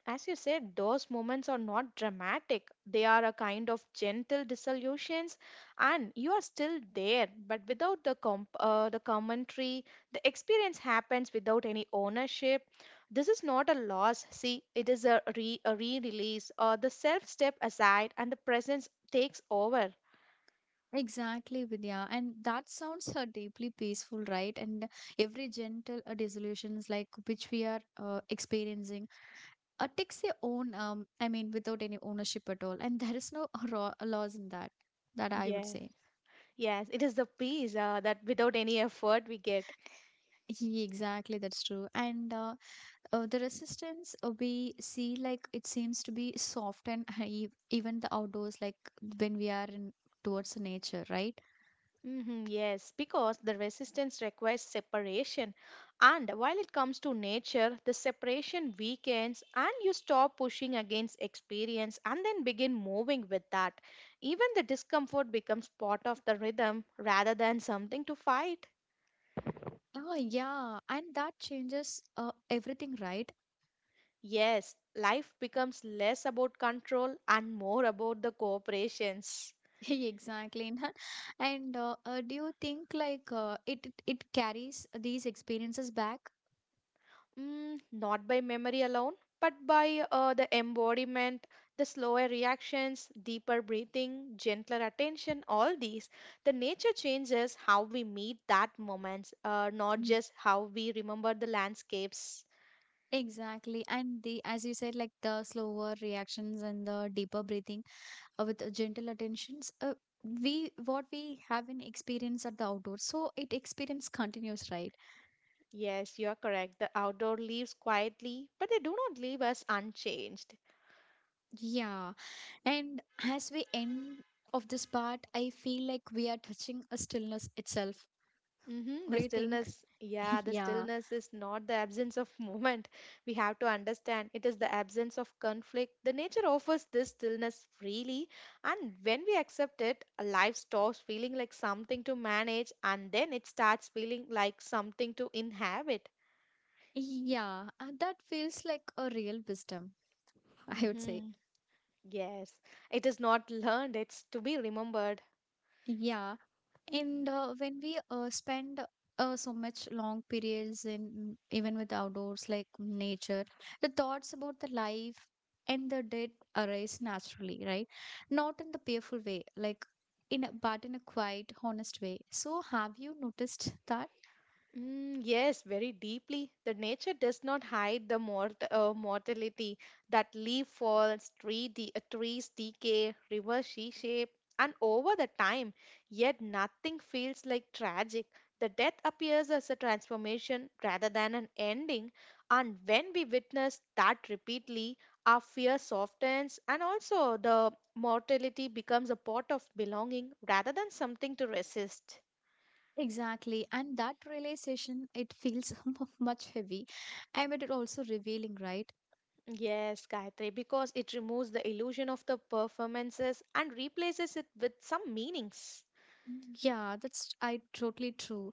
Speaker 2: As you said, those moments are not dramatic. They are a kind of gentle dissolutions, and you are still there, but without the the commentary, the experience happens without any ownership. This is not a loss. See, it is a re a re-release. The self step aside, and the presence takes over.
Speaker 1: Exactly, Vidya. And that sounds deeply peaceful, right? And every gentle dissolutions like which we are experiencing takes their own, I mean, without any ownership at all. And there is no laws in that, that I would
Speaker 2: Yes,
Speaker 1: say.
Speaker 2: yes, it is the peace that without any effort we get.
Speaker 1: Yeah, exactly, that's true. And the resistance we see, like, it seems to be soft and even the outdoors, like when we are in towards the nature, right?
Speaker 2: Hmm, yes, because the resistance requires separation. And while it comes to nature, the separation weakens and you stop pushing against experience and then begin moving with that. Even the discomfort becomes part of the rhythm rather than something to fight.
Speaker 1: Ah, yeah, and that changes everything, right?
Speaker 2: Yes, life becomes less about control and more about the cooperations.
Speaker 1: Exactly. Nihal. And do you think like it carries these experiences back?
Speaker 2: Mm, not by memory alone, but by the embodiment, the slower reactions, deeper breathing, gentler attention, all these. The nature changes how we meet that moment, not
Speaker 1: Mm.
Speaker 2: just how we remember the landscapes.
Speaker 1: Exactly. And the, as you said, like the slower reactions and the deeper breathing with gentle attentions, we what we have in experience at the outdoors, so it experience continues, right?
Speaker 2: Yes, you're correct. The outdoor leaves quietly, but they do not leave us unchanged.
Speaker 1: Yeah, and as we end of this part, I feel like we are touching a stillness itself.
Speaker 2: Mm-hmm.
Speaker 1: What
Speaker 2: The
Speaker 1: do you think?
Speaker 2: stillness, yeah, the
Speaker 1: Yeah,
Speaker 2: stillness is not the absence of movement. We have to understand it is the absence of conflict. The nature offers this stillness freely, and when we accept it, a life stops feeling like something to manage and then it starts feeling like something to inhabit.
Speaker 1: yeah, that feels like a real wisdom, I would say.
Speaker 2: Mm-hmm. Yes, it is not learned, it's to be remembered.
Speaker 1: Yeah. And When we spend so much long periods in even with outdoors like nature, the thoughts about the life and the death arise naturally, right? Not in the fearful way, like in a, but in a quiet, honest way. So have you noticed that?
Speaker 2: Mm, yes, very deeply. The nature does not hide the mortality that leaf falls, tree trees decay, rivers reshape, and over the time. Yet nothing feels like tragic. The death appears as a transformation rather than an ending, and when we witness that repeatedly, our fear softens, and also the mortality becomes a part of belonging rather than something to resist.
Speaker 1: Exactly, and that realization it feels much heavy, and it also revealing, right?
Speaker 2: Yes, Gayatri, because it removes the illusion of the performances and replaces it with some meanings.
Speaker 1: Yeah, that's I totally true.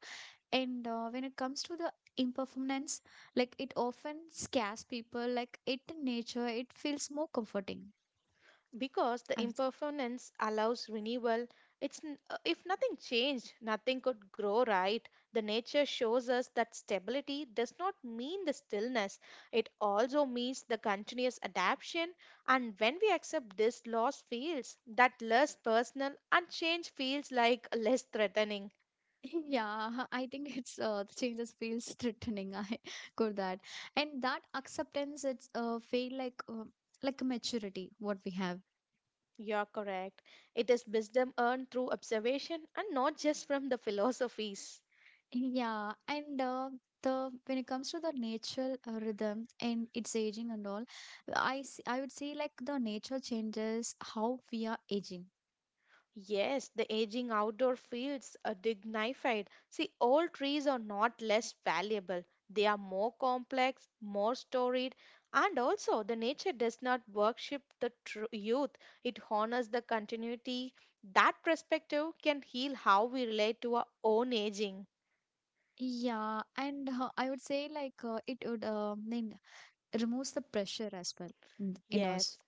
Speaker 1: And when it comes to the impermanence, like it often scares people, like it in nature it feels more comforting.
Speaker 2: Because the
Speaker 1: I'm,
Speaker 2: impermanence allows renewal, if nothing changed, nothing could grow right. The nature shows us that stability does not mean the stillness. It also means the continuous adaptation. And when we accept this, loss feels that less personal and change feels like less threatening.
Speaker 1: yeah, I think it's the changes feels threatening, I got that. And that acceptance it's feel like a maturity what we have.
Speaker 2: You're correct. It is wisdom earned through observation and not just from the philosophies.
Speaker 1: Yeah, and the when it comes to the natural rhythm and its aging and all, I would say like the nature changes how we are aging.
Speaker 2: Yes, the aging outdoor fields are dignified. See, old trees are not less valuable. They are more complex, more storied, and also the nature does not worship the youth. It honors the continuity. That perspective can heal how we relate to our own aging.
Speaker 1: Yeah, and I would say like it would mean removes the pressure as well in us.
Speaker 2: Yes,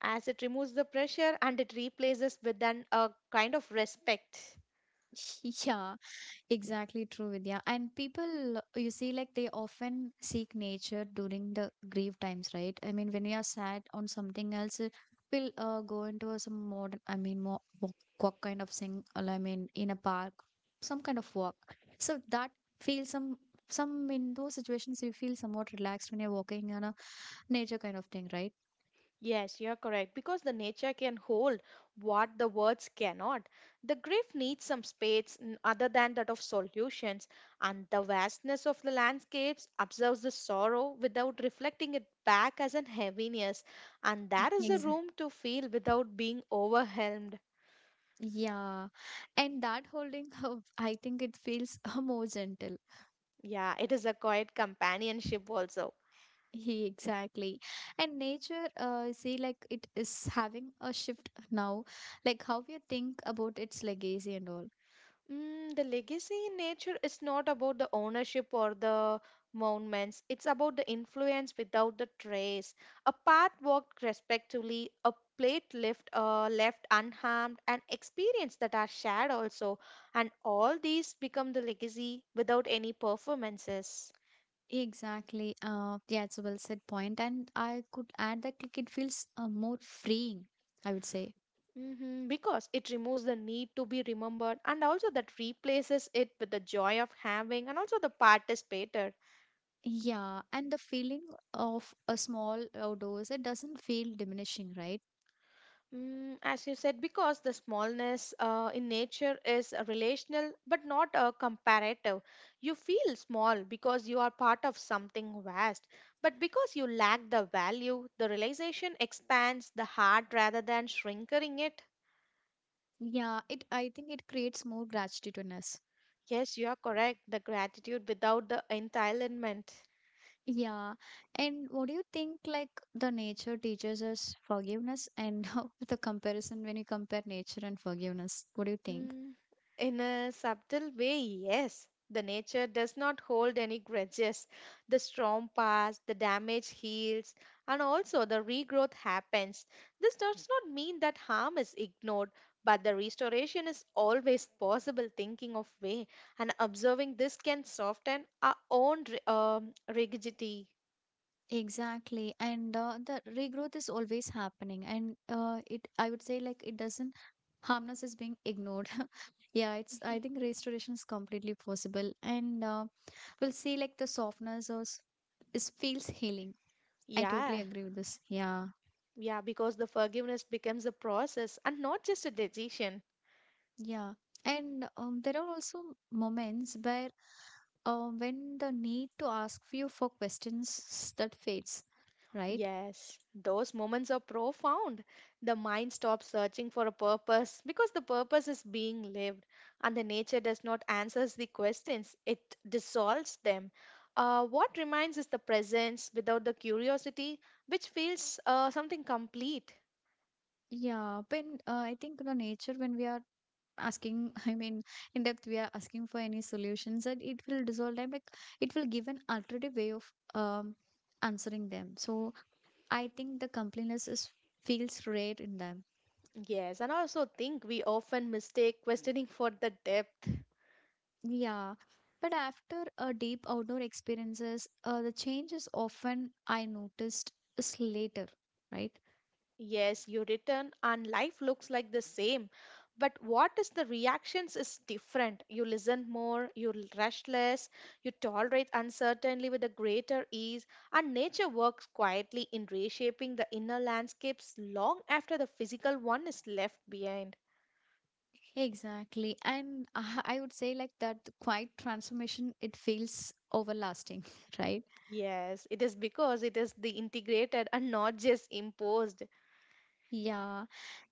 Speaker 2: as it removes the pressure and it replaces with an a kind of respect.
Speaker 1: Yeah, exactly true, Vidya. And people, you see, like they often seek nature during the grief times, right? I mean, when we are sad on something else, we'll go into a some modern, I mean, more walk, walk kind of thing. Or I mean, in a park, some kind of walk. So that feels some in those situations you feel somewhat relaxed when you're walking on a nature kind of thing, right?
Speaker 2: Yes, you're correct, because the nature can hold what the words cannot. The grief needs some space, other than that of solutions, and the vastness of the landscapes observes the sorrow without reflecting it back as an heaviness, and there is a
Speaker 1: Exactly.
Speaker 2: room to feel without being overwhelmed.
Speaker 1: Yeah. And that holding of, I think it feels more gentle.
Speaker 2: Yeah, it is a quiet companionship also.
Speaker 1: He exactly. And nature, see, like it is having a shift now, like how you think about its legacy and all.
Speaker 2: Mm, the legacy in nature is not about the ownership or the monuments. It's about the influence without the trace. A path walked respectively, a plate left left unharmed, an experience that are shared also, and all these become the legacy without any performances.
Speaker 1: Exactly. Yeah, it's a well said point. And I could add that like it feels more freeing, I would say.
Speaker 2: Hmm, because it removes the need to be remembered, and also that replaces it with the joy of having, and also the participator.
Speaker 1: Yeah, and the feeling of a small outdoors, it doesn't feel diminishing, right?
Speaker 2: Mm, as you said, because the smallness in nature is a relational but not a comparative. You feel small because you are part of something vast, but because you lack the value, the realization expands the heart rather than shrinking it.
Speaker 1: Yeah, it I think it creates more gratitude in us.
Speaker 2: Yes, you are correct. The gratitude without the entitlement.
Speaker 1: Yeah. And what do you think like the nature teaches us forgiveness and the comparison when you compare nature and forgiveness? What do you think?
Speaker 2: Mm, in a subtle way, yes. The nature does not hold any grudges. The storm passed, the damage heals, and also the regrowth happens. This does not mean that harm is ignored, but the restoration is always possible thinking of way, and observing this can soften our own rigidity.
Speaker 1: Exactly. And the regrowth is always happening. And it, I would say like it doesn't, harmness is being ignored. Yeah, it's, I think restoration is completely possible. And we'll see like the softness or is feels healing. I totally
Speaker 2: Yeah,
Speaker 1: agree with this. Yeah.
Speaker 2: yeah, because the forgiveness becomes a process and not just a decision.
Speaker 1: Yeah. And there are also moments where when the need to ask you for questions that fades, right?
Speaker 2: Yes, those moments are profound. The mind stops searching for a purpose because the purpose is being lived, and the nature does not answers the questions, it dissolves them. What remains is the presence without the curiosity, which feels something complete.
Speaker 1: Yeah, when I think the nature when we are asking, I mean, in depth we are asking for any solutions, that it will dissolve them, like it will give an alternative way of answering them. So I think the completeness is feels rare in them.
Speaker 2: Yes, and I also think we often mistake questioning for the depth.
Speaker 1: Yeah, but after a deep outdoor experiences the change is often I noticed is later, right?
Speaker 2: Yes, you return and life looks like the same. But what is the reactions is different. You listen more, you rush less, you tolerate uncertainty with a greater ease, and nature works quietly in reshaping the inner landscapes long after the physical one is left behind.
Speaker 1: Exactly. And I would say like that the quiet transformation, it feels overlasting, right?
Speaker 2: Yes, it is because it is the integrated and not just imposed.
Speaker 1: Yeah.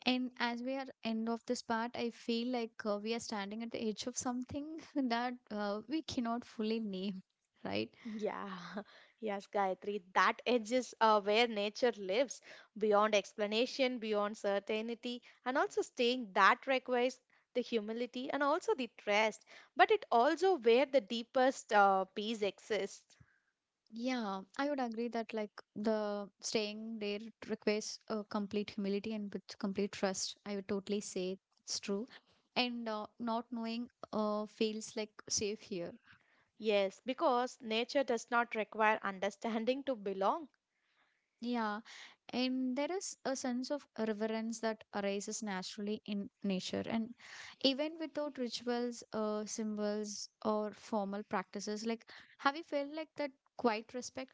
Speaker 1: And as we are end of this part, I feel like we are standing at the edge of something that we cannot fully name, right?
Speaker 2: Yeah, yes, Gayatri. That edge is where nature lives, beyond explanation, beyond certainty, and also staying that requires the humility and also the trust. But it also where the deepest peace exists.
Speaker 1: Yeah, I would agree that like the staying there requires complete humility and with complete trust. I would totally say it's true. And not knowing feels like safe here.
Speaker 2: Yes, because nature does not require understanding to belong.
Speaker 1: Yeah, and there is a sense of reverence that arises naturally in nature. And even without rituals, symbols, or formal practices, like, have you felt like that quiet respect?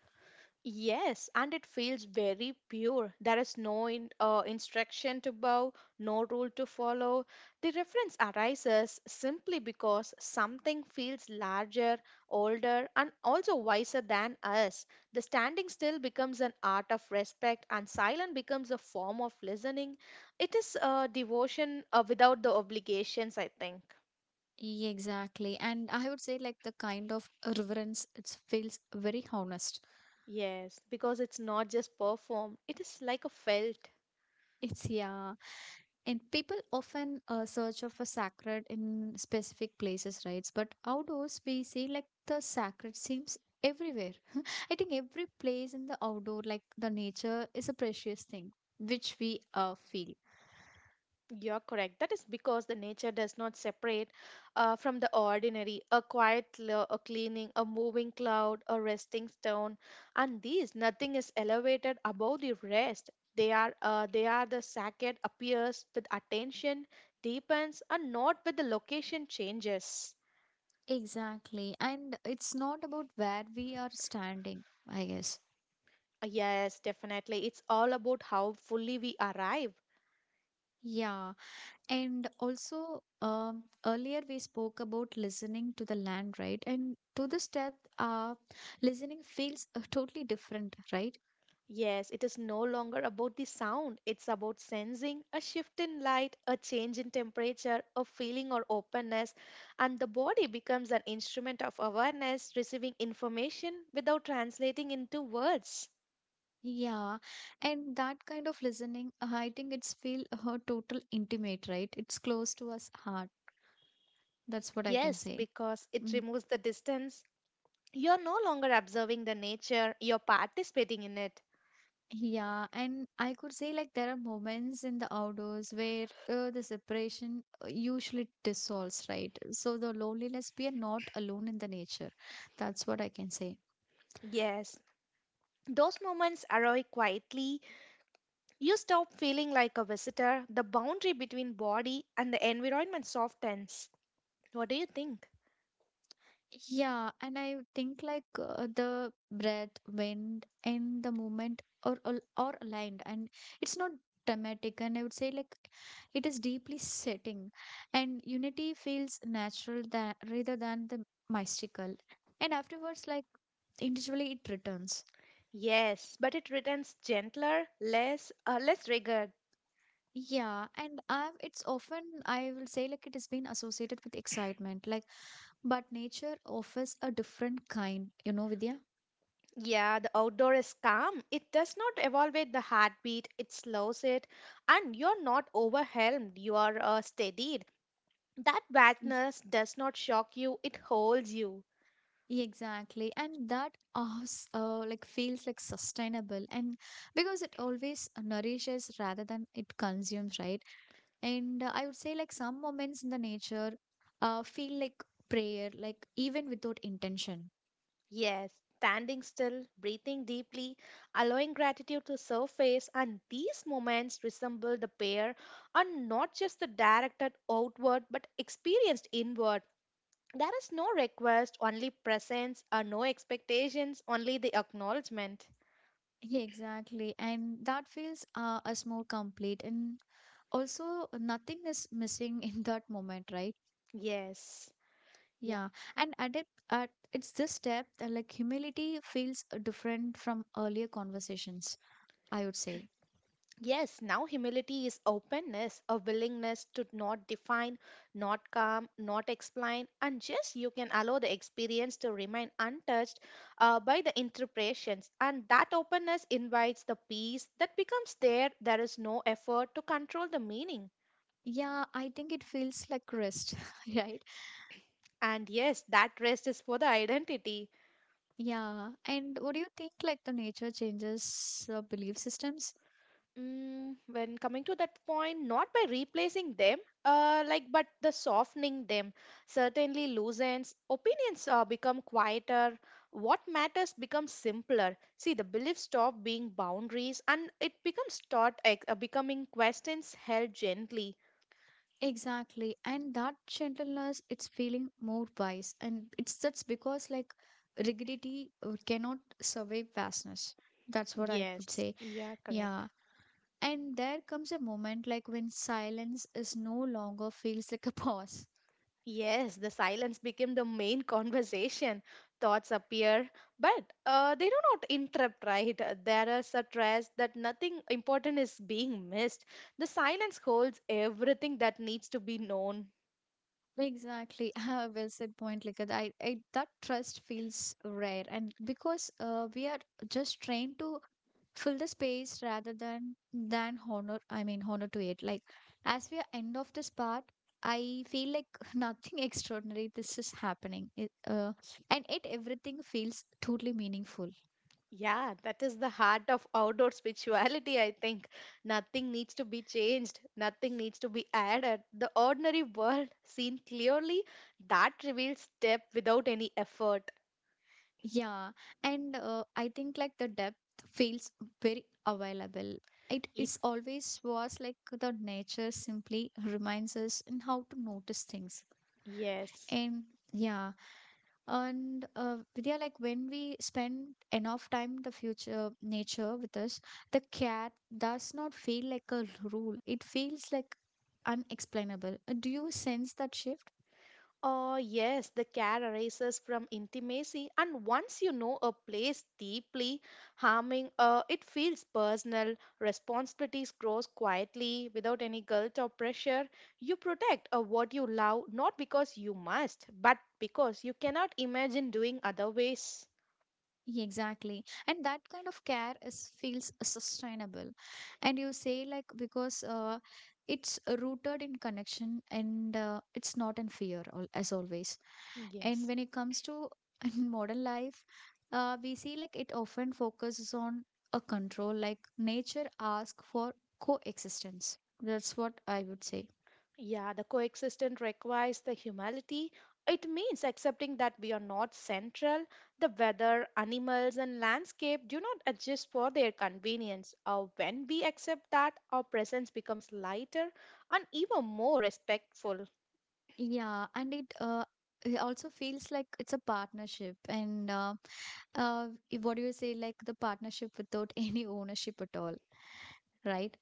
Speaker 2: Yes, and it feels very pure. There is no instruction to bow, no rule to follow. The reference arises simply because something feels larger, older, and also wiser than us. The standing still becomes an art of respect, and silent becomes a form of listening. It is devotion without the obligations, I think.
Speaker 1: Yeah, exactly. And I would say, like, the kind of reverence, it feels very honest.
Speaker 2: Yes, because it's not just performed, it is like a felt.
Speaker 1: It's, yeah. And people often search of a sacred in specific places, right? But outdoors, we see like the sacred seems everywhere. I think every place in the outdoor, like the nature, is a precious thing which we feel.
Speaker 2: You're correct. That is because the nature does not separate from the ordinary. A quiet a cleaning, a moving cloud, a resting stone, and these nothing is elevated above the rest. They are the sacred appears with attention deepens and not with the location changes.
Speaker 1: Exactly. And it's not about where we are standing, I guess.
Speaker 2: Yes, definitely. It's all about how fully we arrive.
Speaker 1: Yeah. And also, earlier we spoke about listening to the land, right? And to this death, uh, listening feels totally different, right?
Speaker 2: Yes, it is no longer about the sound. It's about sensing a shift in light, a change in temperature, a feeling or openness, and the body becomes an instrument of awareness, receiving information without translating into words.
Speaker 1: Yeah, and that kind of listening, I think it's feel her total intimate, right? It's close to us heart. That's what I can
Speaker 2: Yes,
Speaker 1: say.
Speaker 2: because it
Speaker 1: Mm.
Speaker 2: removes the distance. You're no longer observing the nature, you're participating in it.
Speaker 1: Yeah, and I could say like there are moments in the outdoors where the separation usually dissolves, right? So the loneliness, we are not alone in the nature. That's what I can say.
Speaker 2: Yes, those moments arrive quietly. You stop feeling like a visitor. The boundary between body and the environment softens. What do you think?
Speaker 1: Yeah, and I think like the breath, wind, and the movement are all are aligned, and it's not dramatic. And I would say like it is deeply setting, and unity feels natural that rather than the mystical. And afterwards, like individually, it returns.
Speaker 2: Yes, but it returns gentler, less rigid.
Speaker 1: Yeah, and I've, it's often I will say like it has been associated with excitement, like but nature offers a different kind, you know, Vidya.
Speaker 2: Yeah, the outdoor is calm. It does not evaluate the heartbeat. It slows it, and you're not overwhelmed. You are steadied. That vastness does not shock you. It holds you.
Speaker 1: Exactly, and that us like feels like sustainable, and because it always nourishes rather than it consumes, right? And I would say like some moments in the nature feel like prayer, like even without intention.
Speaker 2: Yes, standing still, breathing deeply, allowing gratitude to surface, and these moments resemble the pair, are not just the directed outward, but experienced inward. There is no request, only presence, or no expectations, only the acknowledgement.
Speaker 1: Yeah, exactly, and that feels us more complete, and also nothing is missing in that moment, right?
Speaker 2: Yes. Yeah.
Speaker 1: Yeah, and at it, at it's this step that like humility feels different from earlier conversations. I would say.
Speaker 2: Yes, now humility is openness, a willingness to not define, not calm, not explain, and just you can allow the experience to remain untouched by the interpretations. And that openness invites the peace that becomes there. There is no effort to control the meaning.
Speaker 1: Yeah, I think it feels like rest, right?
Speaker 2: And yes, that rest is for the identity.
Speaker 1: Yeah. And what do you think like the nature changes belief systems?
Speaker 2: Mm, when coming to that point, not by replacing them, like but the softening them certainly loosens. Opinions become quieter. What matters becomes simpler. See, the beliefs stop being boundaries, and it becomes becoming questions held gently.
Speaker 1: Exactly. And that gentleness, it's feeling more wise. And it's that's because like rigidity cannot survive vastness. That's what I would
Speaker 2: Yes.
Speaker 1: say.
Speaker 2: Yeah. Correct.
Speaker 1: Yeah. And there comes a moment like when silence is no longer feels like a pause.
Speaker 2: Yes, the silence became the main conversation. Thoughts appear, but they do not interrupt, right? There is a stress that nothing important is being missed. The silence holds everything that needs to be known.
Speaker 1: Exactly. Ah, well said point, like I that trust feels rare and because we are just trained to fill the space rather than honor, I mean honor to it. Like as we are end of this part, I feel like nothing extraordinary this is happening. It, and it everything feels totally meaningful.
Speaker 2: Yeah, that is the heart of outdoor spirituality, I think. Nothing needs to be changed, nothing needs to be added. The ordinary world, seen clearly, that reveals step without any effort.
Speaker 1: Yeah, and I think like the depth feels very available. It
Speaker 2: It,
Speaker 1: is always was like the nature simply reminds us in how to notice things.
Speaker 2: yes.
Speaker 1: And yeah, and Vidya, like when we spend enough time the future nature with us, the cat does not feel like a rule. It feels like unexplainable. Do you sense that shift?
Speaker 2: Oh, yes, the care arises from intimacy, and once you know a place deeply, harming it feels personal. Responsibilities grows quietly without any guilt or pressure. You protect what you love not because you must, but because you cannot imagine doing other ways.
Speaker 1: Exactly. And that kind of care is feels sustainable. And you say like because it's rooted in connection and it's not in fear as always. And
Speaker 2: Yes.
Speaker 1: when it comes to in modern life, we see like it often focuses on a control like nature asks for coexistence. That's what I would say.
Speaker 2: Yeah, the coexistence requires the humility. It means accepting that we are not central. The weather, animals, and landscape do not adjust for their convenience. Or when we accept that, our presence becomes lighter and even more respectful.
Speaker 1: Yeah, and it it also feels like it's a partnership and what do you say, like the partnership without any ownership at all, right?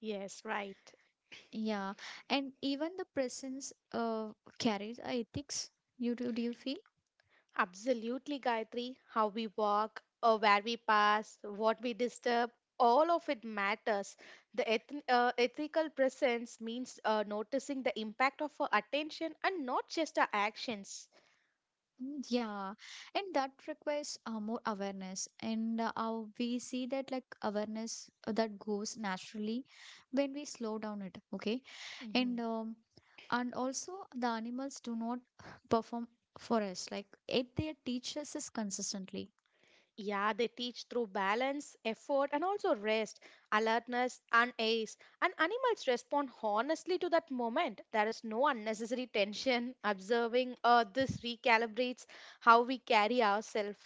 Speaker 2: Yes, right.
Speaker 1: Yeah, and even the presence carries a ethics. Do you feel?
Speaker 2: Absolutely, Gayatri. How we walk, or where we pass, what we disturb, all of it matters. The ethical presence means noticing the impact of our attention and not just our actions.
Speaker 1: Mm, yeah, and that requires more awareness, and we see that like awareness that goes naturally when we slow down it. Okay,
Speaker 2: Hmm.
Speaker 1: and um, and also the animals do not perform for us like it they teach us is consistently.
Speaker 2: Yeah, they teach through balance, effort, and also rest, alertness, and ease. And animals respond honestly to that moment. There is no unnecessary tension. Observing this recalibrates how we carry ourselves.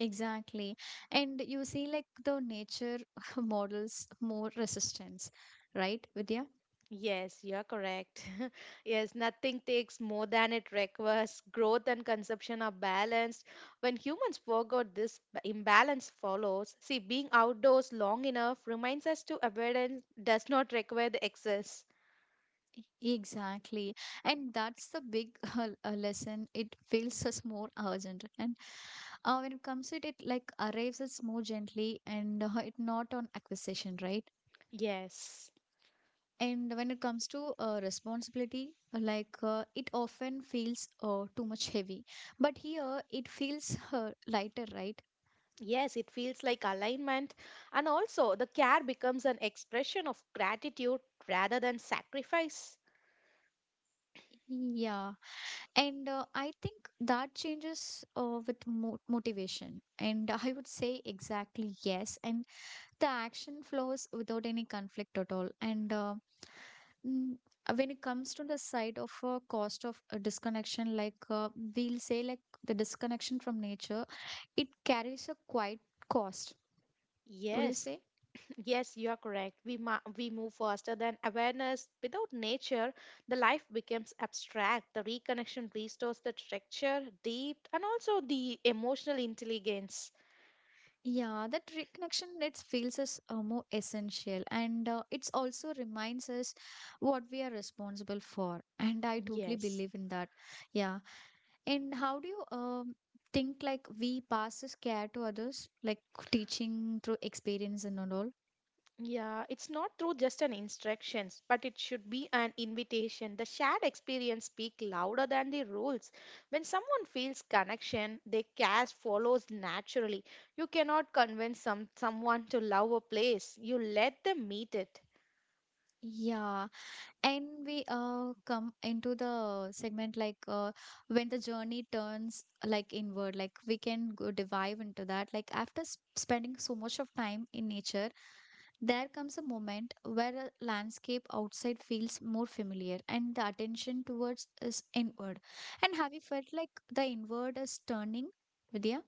Speaker 1: Exactly. And you see, like, the nature models more resistance, right, Vidya?
Speaker 2: Yes, you're correct. Yes, nothing takes more than it requires. Growth and consumption are balanced. When humans forgot this imbalance follows. See, being outdoors long enough reminds us to abundance does not require the excess.
Speaker 1: Exactly. And that's the big lesson. It feels us more urgent. And when it comes to it, it like arrives us more gently and it not on acquisition, right?
Speaker 2: Yes.
Speaker 1: And when it comes to responsibility, it often feels too much heavy, but here it feels lighter, right?
Speaker 2: Yes, it feels like alignment. And also, the care becomes an expression of gratitude rather than sacrifice.
Speaker 1: Yeah, and I think that changes with motivation. And I would say exactly yes. And the action flows without any conflict at all. And mm, when it comes to the side of cost of disconnection, we'll say, like the disconnection from nature, it carries a quite cost. What do you
Speaker 2: Yes.
Speaker 1: say?
Speaker 2: Yes, you are correct. We move faster than awareness. Without nature, the life becomes abstract. The reconnection restores the texture, depth, and also the emotional intelligence.
Speaker 1: Yeah, that reconnection it feels us more essential, and it's also reminds us what we are responsible for. And I totally
Speaker 2: Yes.
Speaker 1: believe in that. Yeah, and how do you think like we pass this care to others, like teaching through experience and all?
Speaker 2: Yeah, it's not through just an instructions, but it should be an invitation. The shared experience speak louder than the rules. When someone feels connection, their care follows naturally. You cannot convince someone to love a place. You let them meet it.
Speaker 1: Yeah, and we come into the segment like when the journey turns like inward, like we can go dive into that. Like after s spending so much of time in nature, there comes a moment where a landscape outside feels more familiar and the attention towards is inward. And have you felt like the inward is turning, Vidya?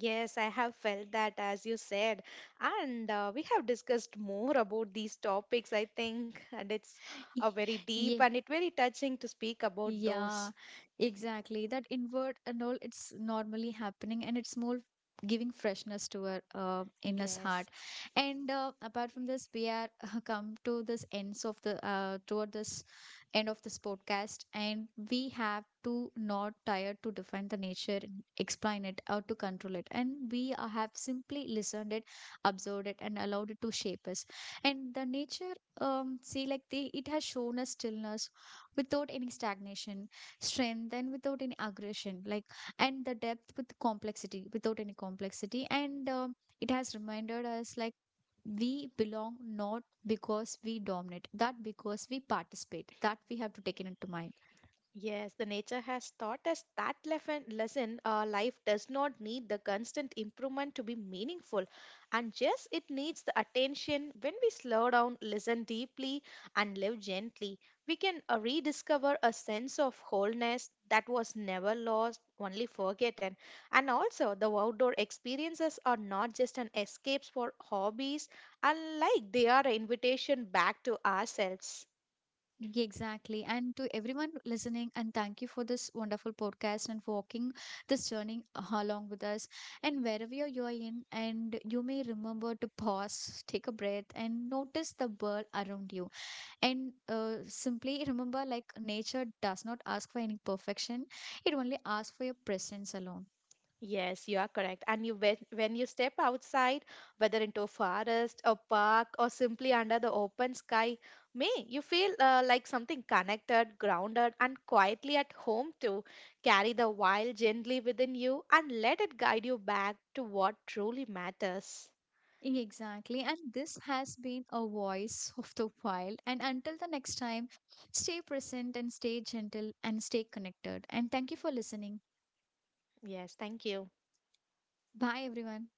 Speaker 2: Yes, I have felt that as you said. And we have discussed more about these topics, I think. And it's a very deep
Speaker 1: Ye-
Speaker 2: and it very touching to speak about those.
Speaker 1: Yeah, exactly. That invert and all, it's normally happening and it's more giving freshness to our inner's
Speaker 2: Yes.
Speaker 1: heart. And apart from this, we are come to this ends of the toward this end of this podcast, and we have to not tired to define the nature, explain it, or to control it. And we have simply listened it, observed it, and allowed it to shape us. And the nature, see, like the it has shown us stillness without any stagnation, strength, and without any aggression, like, and the depth with complexity, without any complexity. And it has reminded us, like, we belong not because we dominate, that because we participate, that we have to take it into mind.
Speaker 2: Yes, the nature has taught us that lesson. Life does not need the constant improvement to be meaningful, and yes, it needs the attention. When we slow down, listen deeply, and live gently, we can rediscover a sense of wholeness that was never lost, only forgotten. And also, the outdoor experiences are not just an escapes for hobbies, unlike, they are an invitation back to ourselves.
Speaker 1: Yeah, exactly. And to everyone listening, and thank you for this wonderful podcast and for walking this journey along with us. And wherever you are in, and you may remember to pause, take a breath, and notice the world around you. And simply remember like nature does not ask for any perfection, it only asks for your presence alone.
Speaker 2: Yes, you are correct. And you when you step outside, whether into a forest, a park, or simply under the open sky, may you feel like something connected, grounded, and quietly at home too. Carry the wild gently within you and let it guide you back to what truly matters.
Speaker 1: Exactly, and this has been a voice of the wild, and until the next time, stay present and stay gentle and stay connected, and thank you for listening.
Speaker 2: Yes, thank you.
Speaker 1: Bye, everyone.